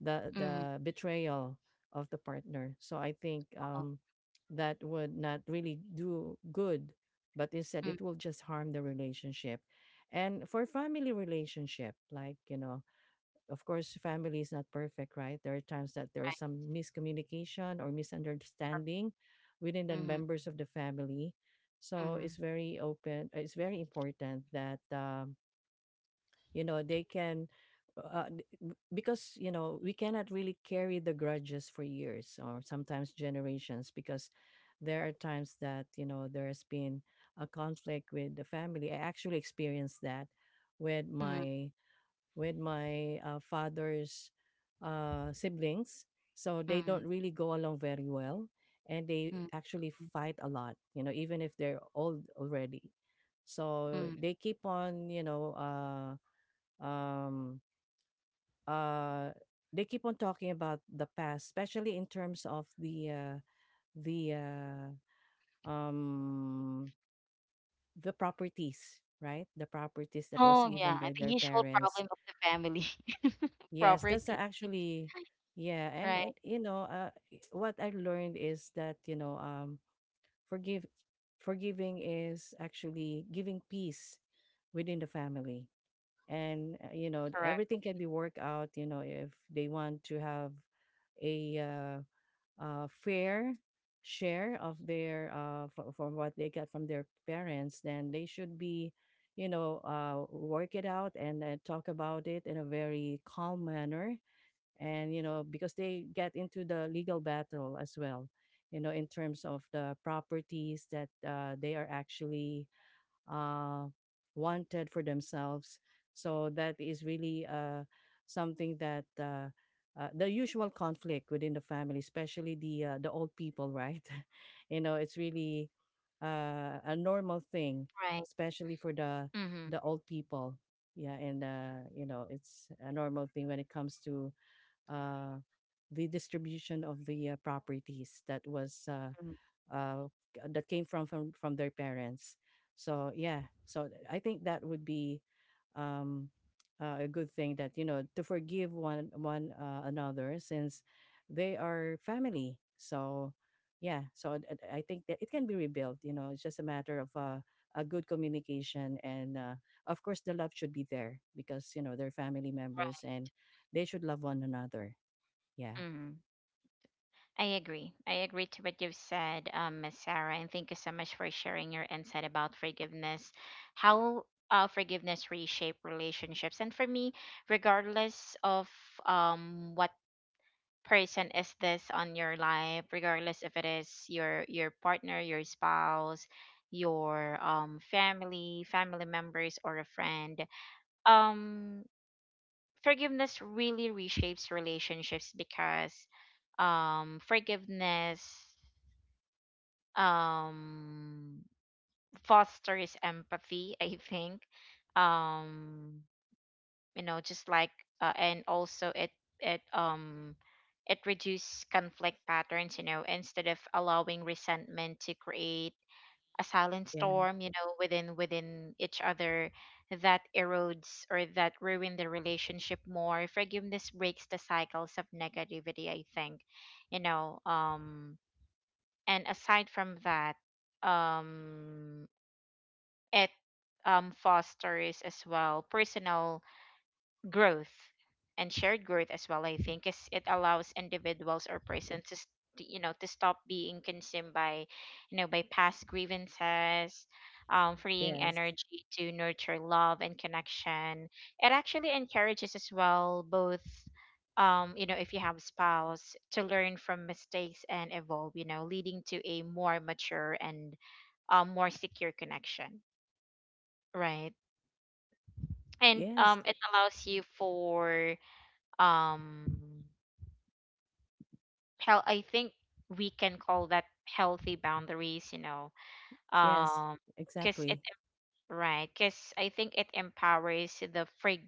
B: the
A: Mm-hmm.
B: the betrayal of the partner. So I think um, that would not really do good, but instead
A: Mm,
B: it will just harm the relationship. And for family relationship, like you know, of course, family is not perfect, right? There are times that there is
A: right.
B: some miscommunication or
A: Correct.
B: misunderstanding within the
A: Mm-hmm.
B: members of the family. So
A: Mm-hmm.
B: it's very open. uh, It's very important that um, you know they can uh, d- b- because you know we cannot really carry the grudges for years or sometimes generations, because there are times that you know there has been a conflict with the family. I actually experienced that with
A: Mm-hmm.
B: my with my uh, father's uh, siblings. So they don't really go along very well, and they
A: Mm-hmm.
B: actually fight a lot, you know, even if they're old already. So
A: Mm-hmm.
B: they keep on, you know, uh, um uh they keep on talking about the past, especially in terms of the uh the uh um the properties, right? The properties that was
A: Oh,
B: given
A: yeah.
B: by
A: The
B: their
A: usual
B: parents.
A: problem of the family.
B: Yes, that's a-
A: Property.
B: actually yeah. And,
A: Right.
B: and, you know, uh i- what I learned is that, you know, um forgive, forgiving is actually giving peace within the family. And uh, you know,
A: Correct.
B: everything can be worked out, you know, if they want to have a uh, uh, fair share of their uh, f- from what they get from their parents, then they should be, you know, uh, work it out and uh, talk about it in a very calm manner. And you know, because they get into the legal battle as well, you know, in terms of the properties that uh, they are actually uh, wanted for themselves. So that is really uh, something that uh, uh, the usual conflict within the family, especially the uh, the old people, right? You know, it's really uh, a normal thing,
A: Right.
B: especially for the
A: Mm-hmm.
B: the old people. Yeah, and uh, you know, it's a normal thing when it comes to uh, the distribution of the uh, properties that was uh, uh, c- that came from, from from their parents. So yeah, so th- I think that would be um, uh, a good thing that, you know, to forgive one one uh, another, since they are family. So yeah, so I I I think that it can be rebuilt. You know, it's just a matter of uh, a good communication and uh, of course the love should be there, because you know they're family members and they should love one another. Yeah.
A: Mm-hmm. I agree. I agree to what you've said, um, Miss Sarah, and thank you so much for sharing your insight about forgiveness, how, uh, forgiveness reshape relationships. And for me, regardless of, um what person is this on your life, regardless if it is your your partner, your spouse, your um family, family members, or a friend, um forgiveness really reshapes relationships, because, um forgiveness, um fosters empathy, I think. um you know, just like, uh, and also, it it um it reduces conflict patterns, you know, instead of allowing resentment to create a silent
B: Yeah.
A: storm, you know, within within each other, that erodes or that ruin the relationship more. Forgiveness breaks the cycles of negativity, I think, you know um and aside from that, um it, um fosters as well personal growth, and shared growth as well, I think. Is it allows individuals, or persons, to, s- to, you know, to stop being consumed by, you know, by past grievances, um, freeing
B: Yes.
A: energy to nurture love and connection. It actually encourages as well both, um, you know, if you have spouse, to learn from mistakes and evolve, you know, leading to a more mature, and, um, more secure connection, right? And,
B: Yes.
A: um, it allows you for, um hell, I think we can call that healthy boundaries, you know.
B: Yes.
A: um because it,
B: Exactly.
A: right, because I think it empowers the frig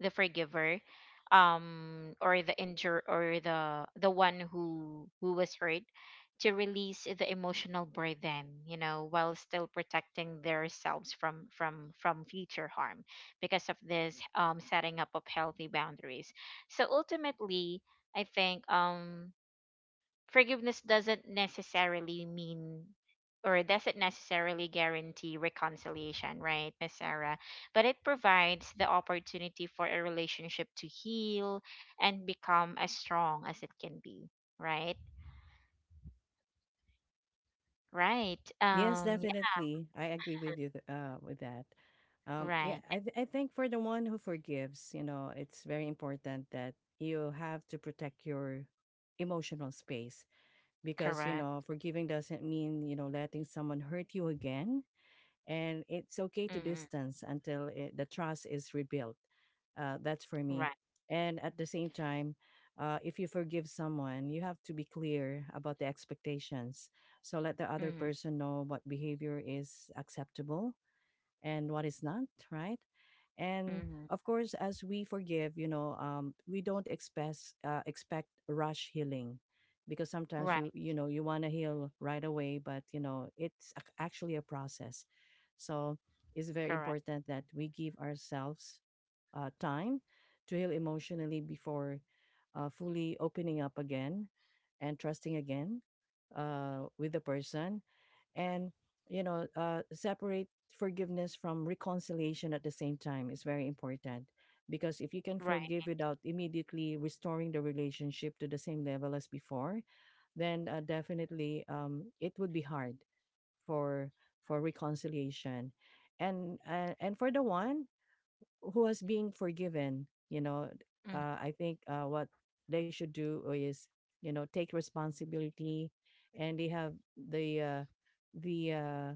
A: the forgiver, um, or the injure, or the the one who who was hurt, to release the emotional burden, you know, while still protecting themselves from from from future harm because of this um setting up of healthy boundaries. So ultimately, I think um forgiveness doesn't necessarily mean, or doesn't necessarily guarantee reconciliation, right, Miss Sarah? But it provides the opportunity for a relationship to heal, and become as strong as it can be, right? Right.
B: Yes,
A: Um. Yeah.
B: definitely. I agree with you th- uh, with that. Um, yeah,
A: Right.
B: I, th- I think for the one who forgives, you know, it's very important that you have to protect your emotional space, because, you know,
A: Correct.
B: forgiving doesn't mean, you know, letting someone hurt you again, and it's
A: Mm-hmm.
B: okay to distance until it, the trust is rebuilt. Uh, that's for
A: Right.
B: me. And at the same time, uh, if you forgive someone, you have to be clear about the expectations. So let the other
A: Mm-hmm.
B: person know what behavior is acceptable and what is not, right? And
A: Mm-hmm.
B: of course, as we forgive, you know, um, we don't expect uh, expect rush healing, because sometimes
A: Right.
B: you you know you want to heal right away, but you know it's ac- actually a process. So it's
A: Correct.
B: very important that we give ourselves uh, time to heal emotionally before uh, fully opening up again and trusting again uh, with the person. And you know, uh, separate forgiveness from reconciliation at the same time is very important. Because if you can
A: Right.
B: forgive without immediately restoring the relationship to the same level as before, then uh, definitely um, it would be hard for for reconciliation. And uh, and for the one who has been forgiven you know
A: Mm-hmm.
B: uh, i think uh, what they should do is you know take responsibility and they have the uh, the uh,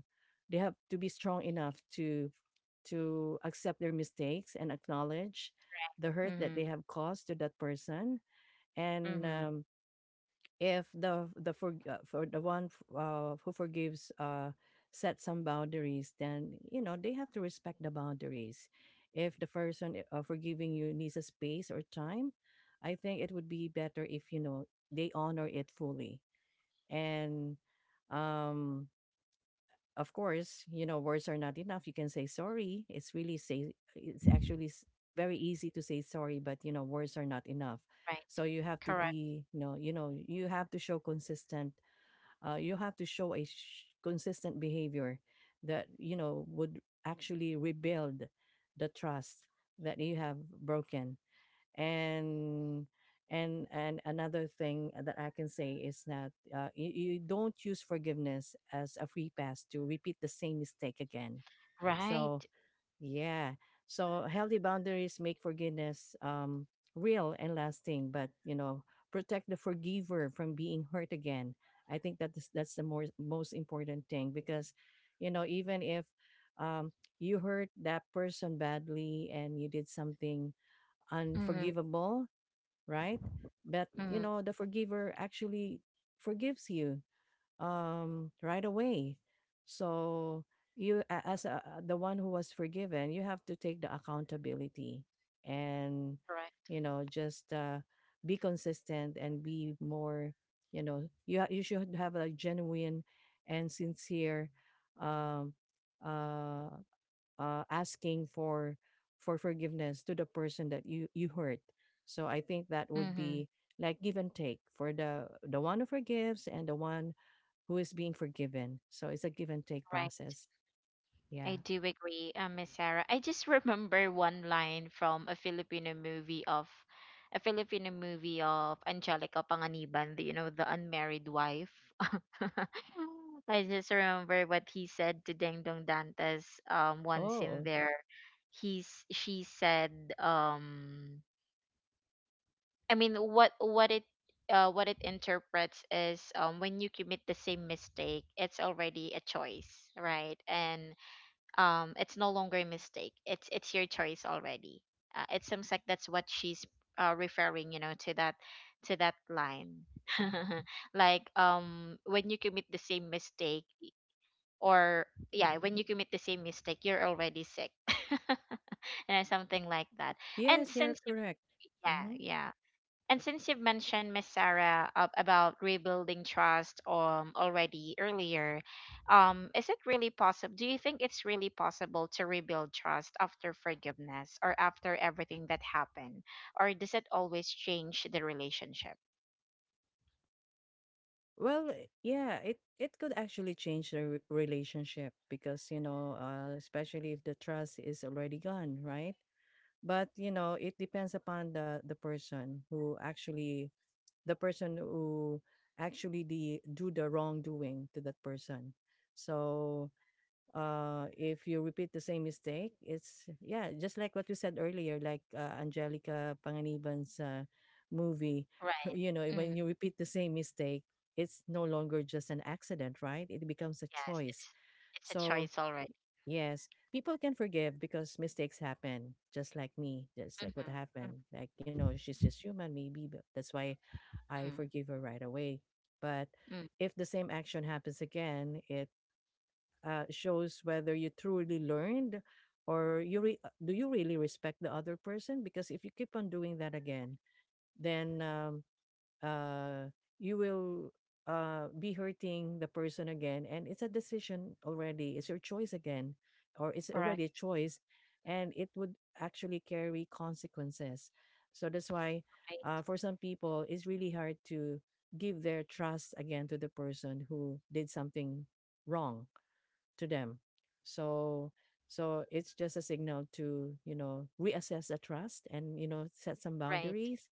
B: they have to be strong enough to to accept their mistakes and acknowledge the hurt
A: Mm-hmm.
B: that they have caused to that person and
A: Mm-hmm.
B: um, if the the for, uh, for the one f- uh, who forgives uh, set some boundaries, then you know they have to respect the boundaries. If the person eh, uh, forgiving you needs a space or time, I think it would be better if you know they honor it fully. And um of course, you know, words are not enough. You can say sorry. It's really say it's actually s- very easy to say sorry, but you know, words are not enough.
A: Right.
B: So you have to
A: Correct.
B: be, you know, you know, you have to show consistent. Uh, you have to show a sh- consistent behavior that you know would actually rebuild the trust that you have broken. And and and another thing that I can say is that uh, you, you don't use forgiveness as a free pass to repeat the same mistake again. So
A: Right.
B: yeah, so healthy boundaries make forgiveness um real and lasting, but you know, protect the forgiver from being hurt again. I think that is, that's the more, most important thing. Because you know, even if um you hurt that person badly and you did something
A: Mm-hmm.
B: unforgivable, right? But you
A: Mm-hmm.
B: know, the forgiver actually forgives you um, right away. So you, a- as a, the one who was forgiven, you have to take the accountability and
A: Correct.
B: you know just uh, be consistent and be more. You know, you ha- you should have a genuine and sincere um, uh, uh, asking for for forgiveness to the person that you you hurt. So I think that
A: Mm-hmm.
B: would be like give and take for the the one who forgives and the one who is being forgiven. So it's a give and take
A: Right.
B: process.
A: I
B: Yeah.
A: do agree, um, Miss Sarah. I just remember one line from a Filipino movie of a Filipino movie of Angelica Panganiban, the- you know, The Unmarried Wife. I just remember what he said to Deng Dong Dantes um once in
B: Oh,
A: there. He's she said, um I mean, what what it uh, what it interprets is, um, when you commit the same mistake, it's already a choice, right? And um it's no longer a mistake, it's it's your choice already. Uh, it seems like that's what she's, uh, referring, you know, to that, to that line. Like, um when you commit the same mistake, or yeah, when you commit the same mistake, you're already sick. And something like that. And
B: yes, you're
A: since
B: correct.
A: Yeah,
B: Mm-hmm.
A: yeah. And since you've mentioned, Miss Sarah, uh, about rebuilding trust, um, already earlier, um, is it really possible? Do you think it's really possible to rebuild trust after forgiveness, or after everything that happened? Or does it always change the relationship?
B: Well, i- yeah, it it could actually change the re- relationship because, you know, uh, especially if the trust is already gone, right? But, you know, it depends upon the the person who actually the person who actually the do the wrongdoing to that person. So uh, if you repeat the same mistake, it's yeah, just like what you said earlier, like uh, Angelica Panganiban's uh, movie.
A: Right.
B: You know,
A: Mm,
B: when you repeat the same mistake, it's no longer just an accident, right? It becomes a
A: yes,
B: choice.
A: it's it's a
B: So
A: choice already.
B: yes, people can forgive because mistakes happen, just like me, just like what
A: Mm-hmm.
B: happened. Like, you know, she's just human, maybe, but that's why I
A: Mm-hmm.
B: forgive her right away. But
A: Mm,
B: if the same action happens again, it uh, shows whether you truly learned or you re- uh, do you really respect the other person? Because if you keep on doing that again, then um, uh, you will uh, be hurting the person again. And it's a decision already. It's your choice again, or it's already a
A: correct.
B: choice, and it would actually carry consequences. So that's why,
A: Right.
B: uh, for some people, it's really hard to give their trust again to the person who did something wrong to them. So so it's just a signal to you know reassess the trust and you know set some
A: Right.
B: boundaries.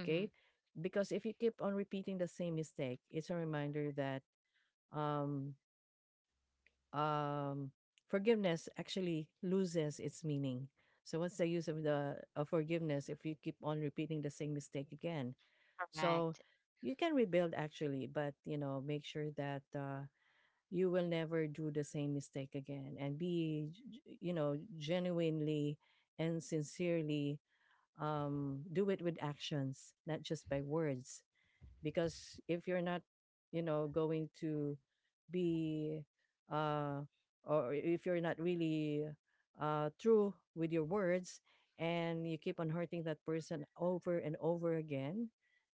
A: Mm-hmm.
B: because if you keep on repeating the same mistake, it's a reminder that um um forgiveness actually loses its meaning. So what's the use of the of forgiveness if you keep on repeating the same mistake again? So
A: Correct.
B: you can rebuild actually, but you know make sure that uh you will never do the same mistake again and be g- g- you know genuinely and sincerely um do it with actions, not just by words. Because if you're not you know going to be uh or if you're not really uh true with your words and you keep on hurting that person over and over again,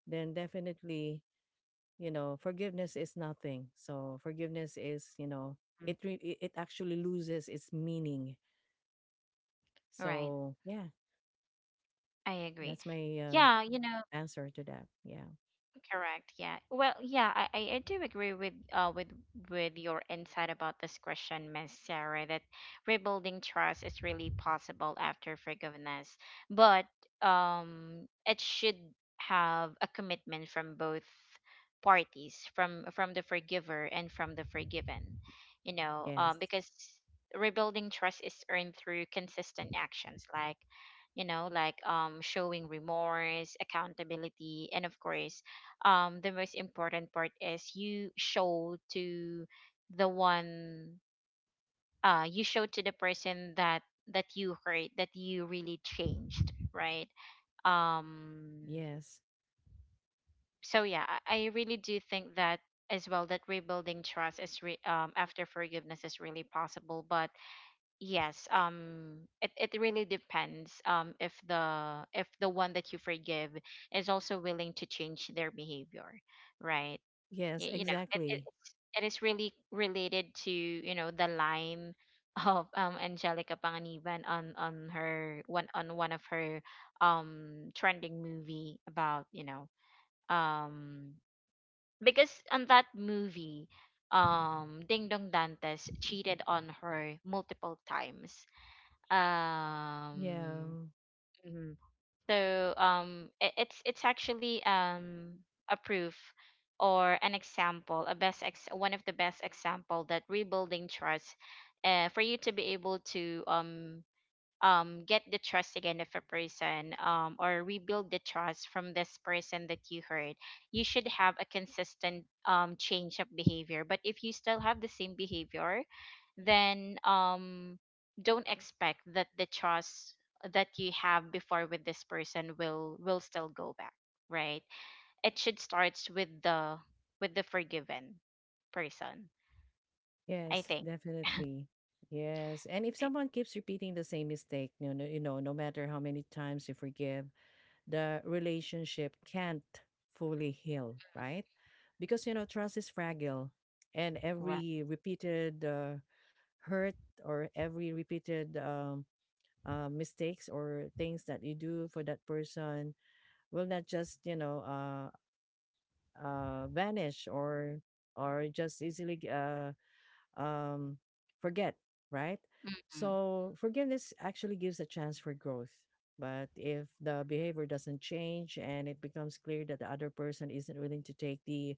B: then definitely you know forgiveness is nothing. So forgiveness is you know,
A: Mm,
B: it re- it it actually loses its meaning.
A: right.
B: So yeah,
A: I agree.
B: that's my uh,
A: Yeah, you know.
B: answer to that. Yeah,
A: Correct. Yeah. Well, yeah, I, I I do agree with, uh with with your insight about this question, Miss Sarah, that rebuilding trust is really possible after forgiveness, but um it should have a commitment from both parties, from from the forgiver and from the forgiven. You know, um
B: yes,
A: because rebuilding trust is earned through consistent actions like, you know, like um showing remorse, accountability, and of course, um the most important part is you show to the one uh you show to the person that that you hurt, that you really changed, right? um
B: yes,
A: so yeah, i I really do think that as well, that rebuilding trust, is re- um after forgiveness is really possible, but yes, um it, it really depends, um if the if the one that you forgive is also willing to change their behavior, right?
B: yes,
A: Y- you know, it, it,
B: exactly.
A: it's it is really related to, you know, the line of, um Angelica Panganiban, on on her one on one of her um trending movie about, you know, um because on that movie, um Ding Dong Dantes cheated on her multiple times.
B: Yeah.
A: um mm-hmm. So, um, it, it's it's actually, um a proof, or an example, a best ex one of the best example that rebuilding trust, uh, for you to be able to, um um get the trust again of a person, um or rebuild the trust from this person that you hurt, you should have a consistent, um change of behavior. But if you still have the same behavior, then, um don't expect that the trust that you have before with this person will will still go back, right? It should start with the, with the forgiven person, I
B: Yes,
A: think,
B: definitely. Yes. And if someone keeps repeating the same mistake, you know, you know, no matter how many times you forgive, the relationship can't fully heal, right? Because, you know, trust is fragile, and
A: right?
B: every repeated uh, hurt or every repeated um, uh, mistakes or things that you do for that person will not just, you know, uh, uh, vanish or or just easily uh, um, forget, right?
A: Mhm.
B: So forgiveness actually gives a chance for growth. But if the behavior doesn't change and it becomes clear that the other person isn't willing to take the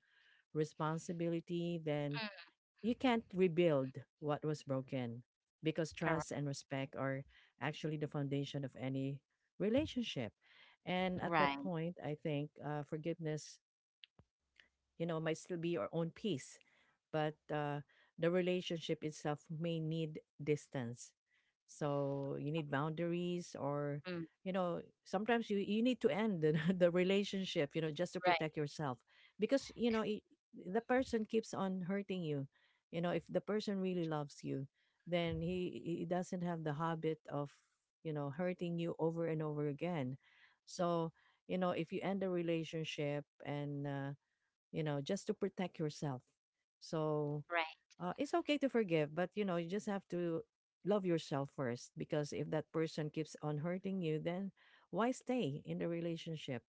B: responsibility, then
A: Mm.
B: you can't rebuild what was broken, because
A: Correct.
B: trust and respect are actually the foundation of any relationship. And at that
A: Right.
B: point, I think uh, forgiveness you know might still be our own peace, but uh, the relationship itself may need distance. So you need boundaries, or
A: Mm.
B: you know sometimes you, you need to end the, the relationship you know just to
A: Right.
B: protect yourself. Because you know I the person keeps on hurting you. You know, if the person really loves you, then he he doesn't have the habit of you know hurting you over and over again. So you know if you end a relationship and uh, you know, just to protect yourself. So
A: Right.
B: uh, it's okay to forgive, but you know, you just have to love yourself first. Because if that person keeps on hurting you, then why stay in the relationship?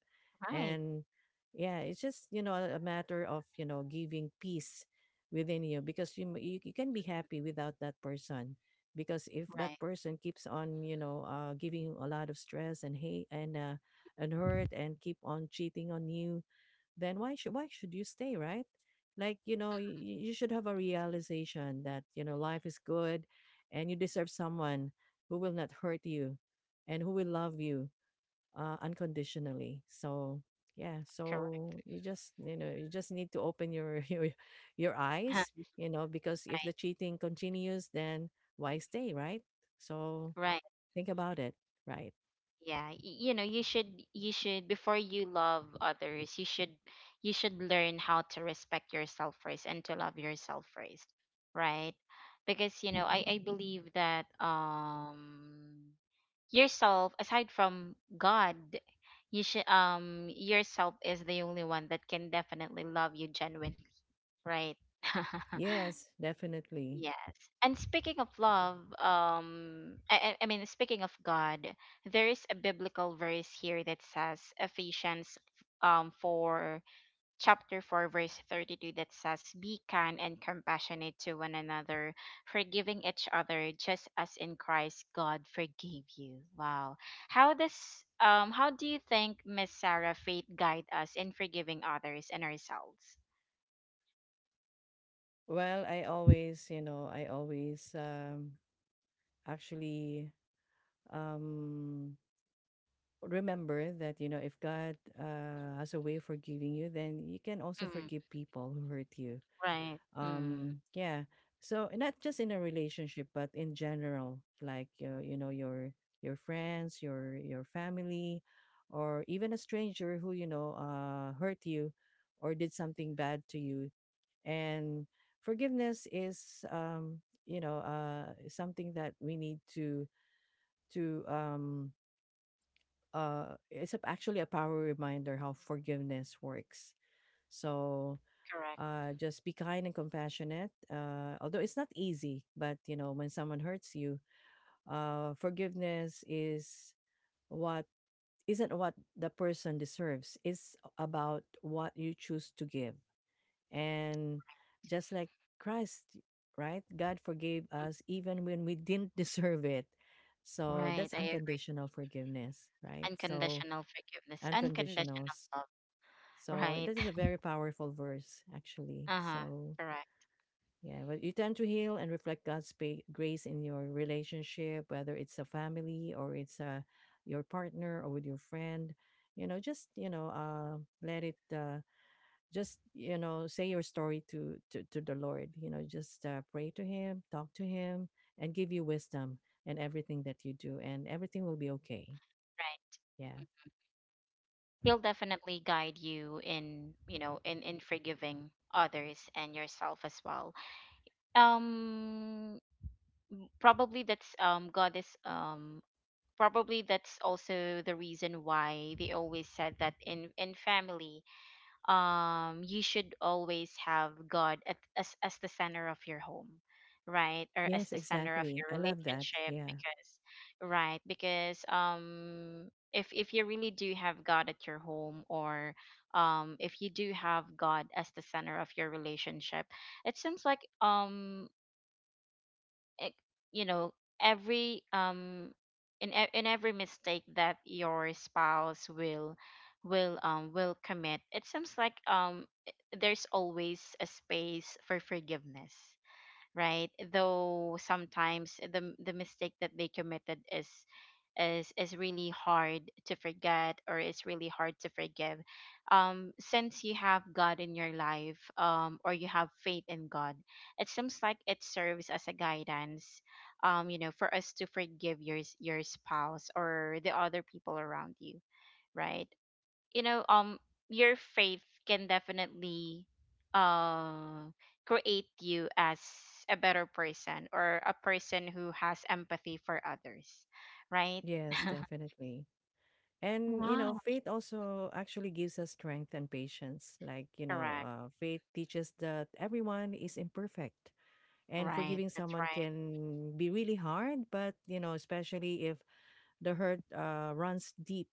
A: Right,
B: And yeah, it's just you know a matter of you know giving peace within you, because you m- you, you can be happy without that person. Because if that
A: right,
B: person keeps on you know uh, giving you a lot of stress and hate and uh, and hurt and keep on cheating on you, then why should why should you stay, right? Like, you know, you, you should have a realization that, you know, life is good and you deserve someone who will not hurt you and who will love you uh, unconditionally. So yeah, so
A: correct.
B: you just you know you just need to open your your your eyes, you know, because if
A: Right,
B: the cheating continues, then why stay, right? So
A: right.
B: think about it, right?
A: Yeah, y- you know, you should you should, before you love others, you should you should learn how to respect yourself first and to love yourself first, right? Because, you know, I I believe that, um yourself, aside from God, you should um yourself is the only one that can definitely love you genuinely, right?
B: Yes, definitely.
A: Yes. And speaking of love, um, I, I I mean, speaking of God, there is a biblical verse here that says Ephesians, um, four chapter four verse thirty two, that says, "Be kind and compassionate to one another, forgiving each other, just as in Christ God forgave you." Wow. How does um how do you think, Miss Sarah, faith guide us in forgiving others and ourselves?
B: Well, I always, you know, I always um, actually um remember that you know if God uh has a way of forgiving you, then you can also
A: Mm,
B: forgive people who hurt you.
A: right. Mm,
B: um yeah, so not just in a relationship, but in general, like uh, you know your your friends, your your family, or even a stranger who you know uh hurt you or did something bad to you. And forgiveness is um you know uh something that we need to to um uh it's a- actually a power reminder how forgiveness works. So
A: correct.
B: uh just be kind and compassionate. uh although it's not easy, but you know when someone hurts you, uh forgiveness is what isn't what the person deserves. It's about what you choose to give. And just like Christ, right, God forgave us even when we didn't deserve it. So
A: Right,
B: that's
A: I
B: unconditional forgiveness, right? So
A: unconditional forgiveness, unconditional
B: unconditionals.
A: love,
B: So
A: right?
B: that is a very powerful verse, actually.
A: Uh-huh.
B: So
A: Correct.
B: yeah, but you tend to heal and reflect God's pa- grace in your relationship, whether it's a family or it's a your partner or with your friend. You know, just you know, uh, let it. Uh, just you know, say your story to to, to the Lord. You know, just uh, pray to Him, talk to Him, and give you wisdom in everything that you do, and everything will be okay.
A: Right.
B: Yeah.
A: He'll definitely guide you in, you know, in in forgiving others and yourself as well. Um Probably that's, um God is um probably that's also the reason why they always said that in, in family, um you should always have God at, as as the center of your home, right? Or as
B: Yes,
A: the center of
B: exactly.
A: your
B: I love that.
A: relationship,
B: Yeah.
A: because, right, because, um if if you really do have God at your home, or um if you do have God as the center of your relationship, it seems like, um ec- you know, every um in e- in every mistake that your spouse will will um will commit, it seems like, um i- there's always a space for forgiveness, right? Though sometimes the m- the mistake that they committed is is is really hard to forget, or it's really hard to forgive. Um since you have God in your life, um or you have faith in God, it seems like it serves as a guidance, um you know, for us to forgive your s- your spouse, or the other people around you, right? You know, um your faith can definitely, uh create you as a better person, or a person who has empathy for others, right?
B: Yes, definitely. And you know,
A: Wow.
B: faith also actually gives us strength and patience. Like, you know,
A: Correct.
B: uh, faith teaches that everyone is imperfect and
A: Right.
B: forgiving
A: That's
B: someone
A: right.
B: can be really hard, but you know, especially if the hurt uh, runs deep,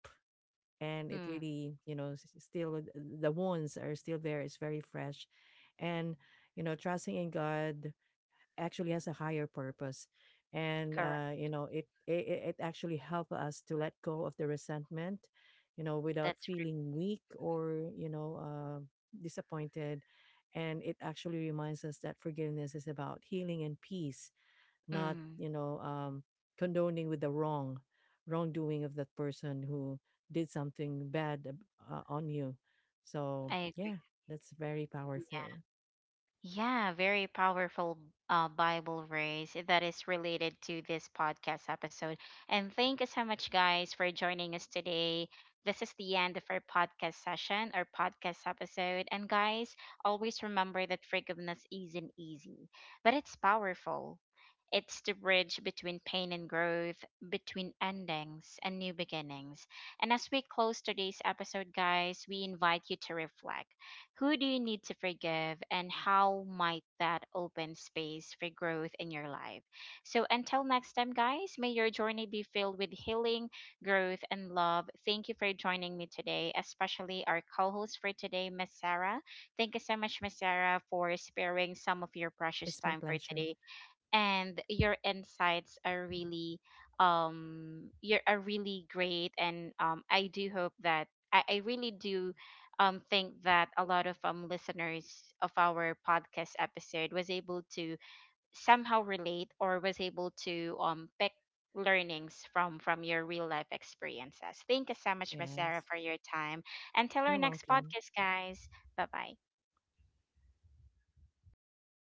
B: and it
A: Mm.
B: really, you know, s- still the wounds are still there, it's very fresh. And you know, trusting in God actually has a higher purpose, and
A: Correct.
B: uh, you know it, it it actually help us to let go of the resentment, you know, without
A: That's
B: feeling weak or you know uh, disappointed. And it actually reminds us that forgiveness is about healing and peace,
A: right.
B: not
A: Mm.
B: you know um, condoning with the wrong wrongdoing of that person who did something bad ab- uh, on you. So
A: I
B: yeah, that's very
A: agree.
B: powerful.
A: Yeah, very powerful, uh, Bible verse that is related to this podcast episode. And thank you so much, guys, for joining us today. This is the end of our podcast session, our podcast episode. And, guys, always remember that forgiveness isn't easy, but it's powerful. It's the bridge between pain and growth, between endings and new beginnings. And as we close today's episode, guys, we invite you to reflect. Who do you need to forgive, and how might that open space for growth in your life? So, until next time, guys, may your journey be filled with healing, growth, and love. Thank you for joining me today, especially our co host for today, Miss Sarah. Thank you so much, Miss Sarah, for sparing some of your precious
B: It's my
A: time for
B: pleasure.
A: today, and your insights are really, um you're are really great. And, um I do hope that, I, I really do, um think that a lot of um listeners of our podcast episode was able to somehow relate, or was able to um pick learnings from from your real life experiences. Thank you so much, Miss Sarah,
B: Yes,
A: for your time. Until our
B: you're
A: next
B: welcome.
A: podcast, guys. Bye bye.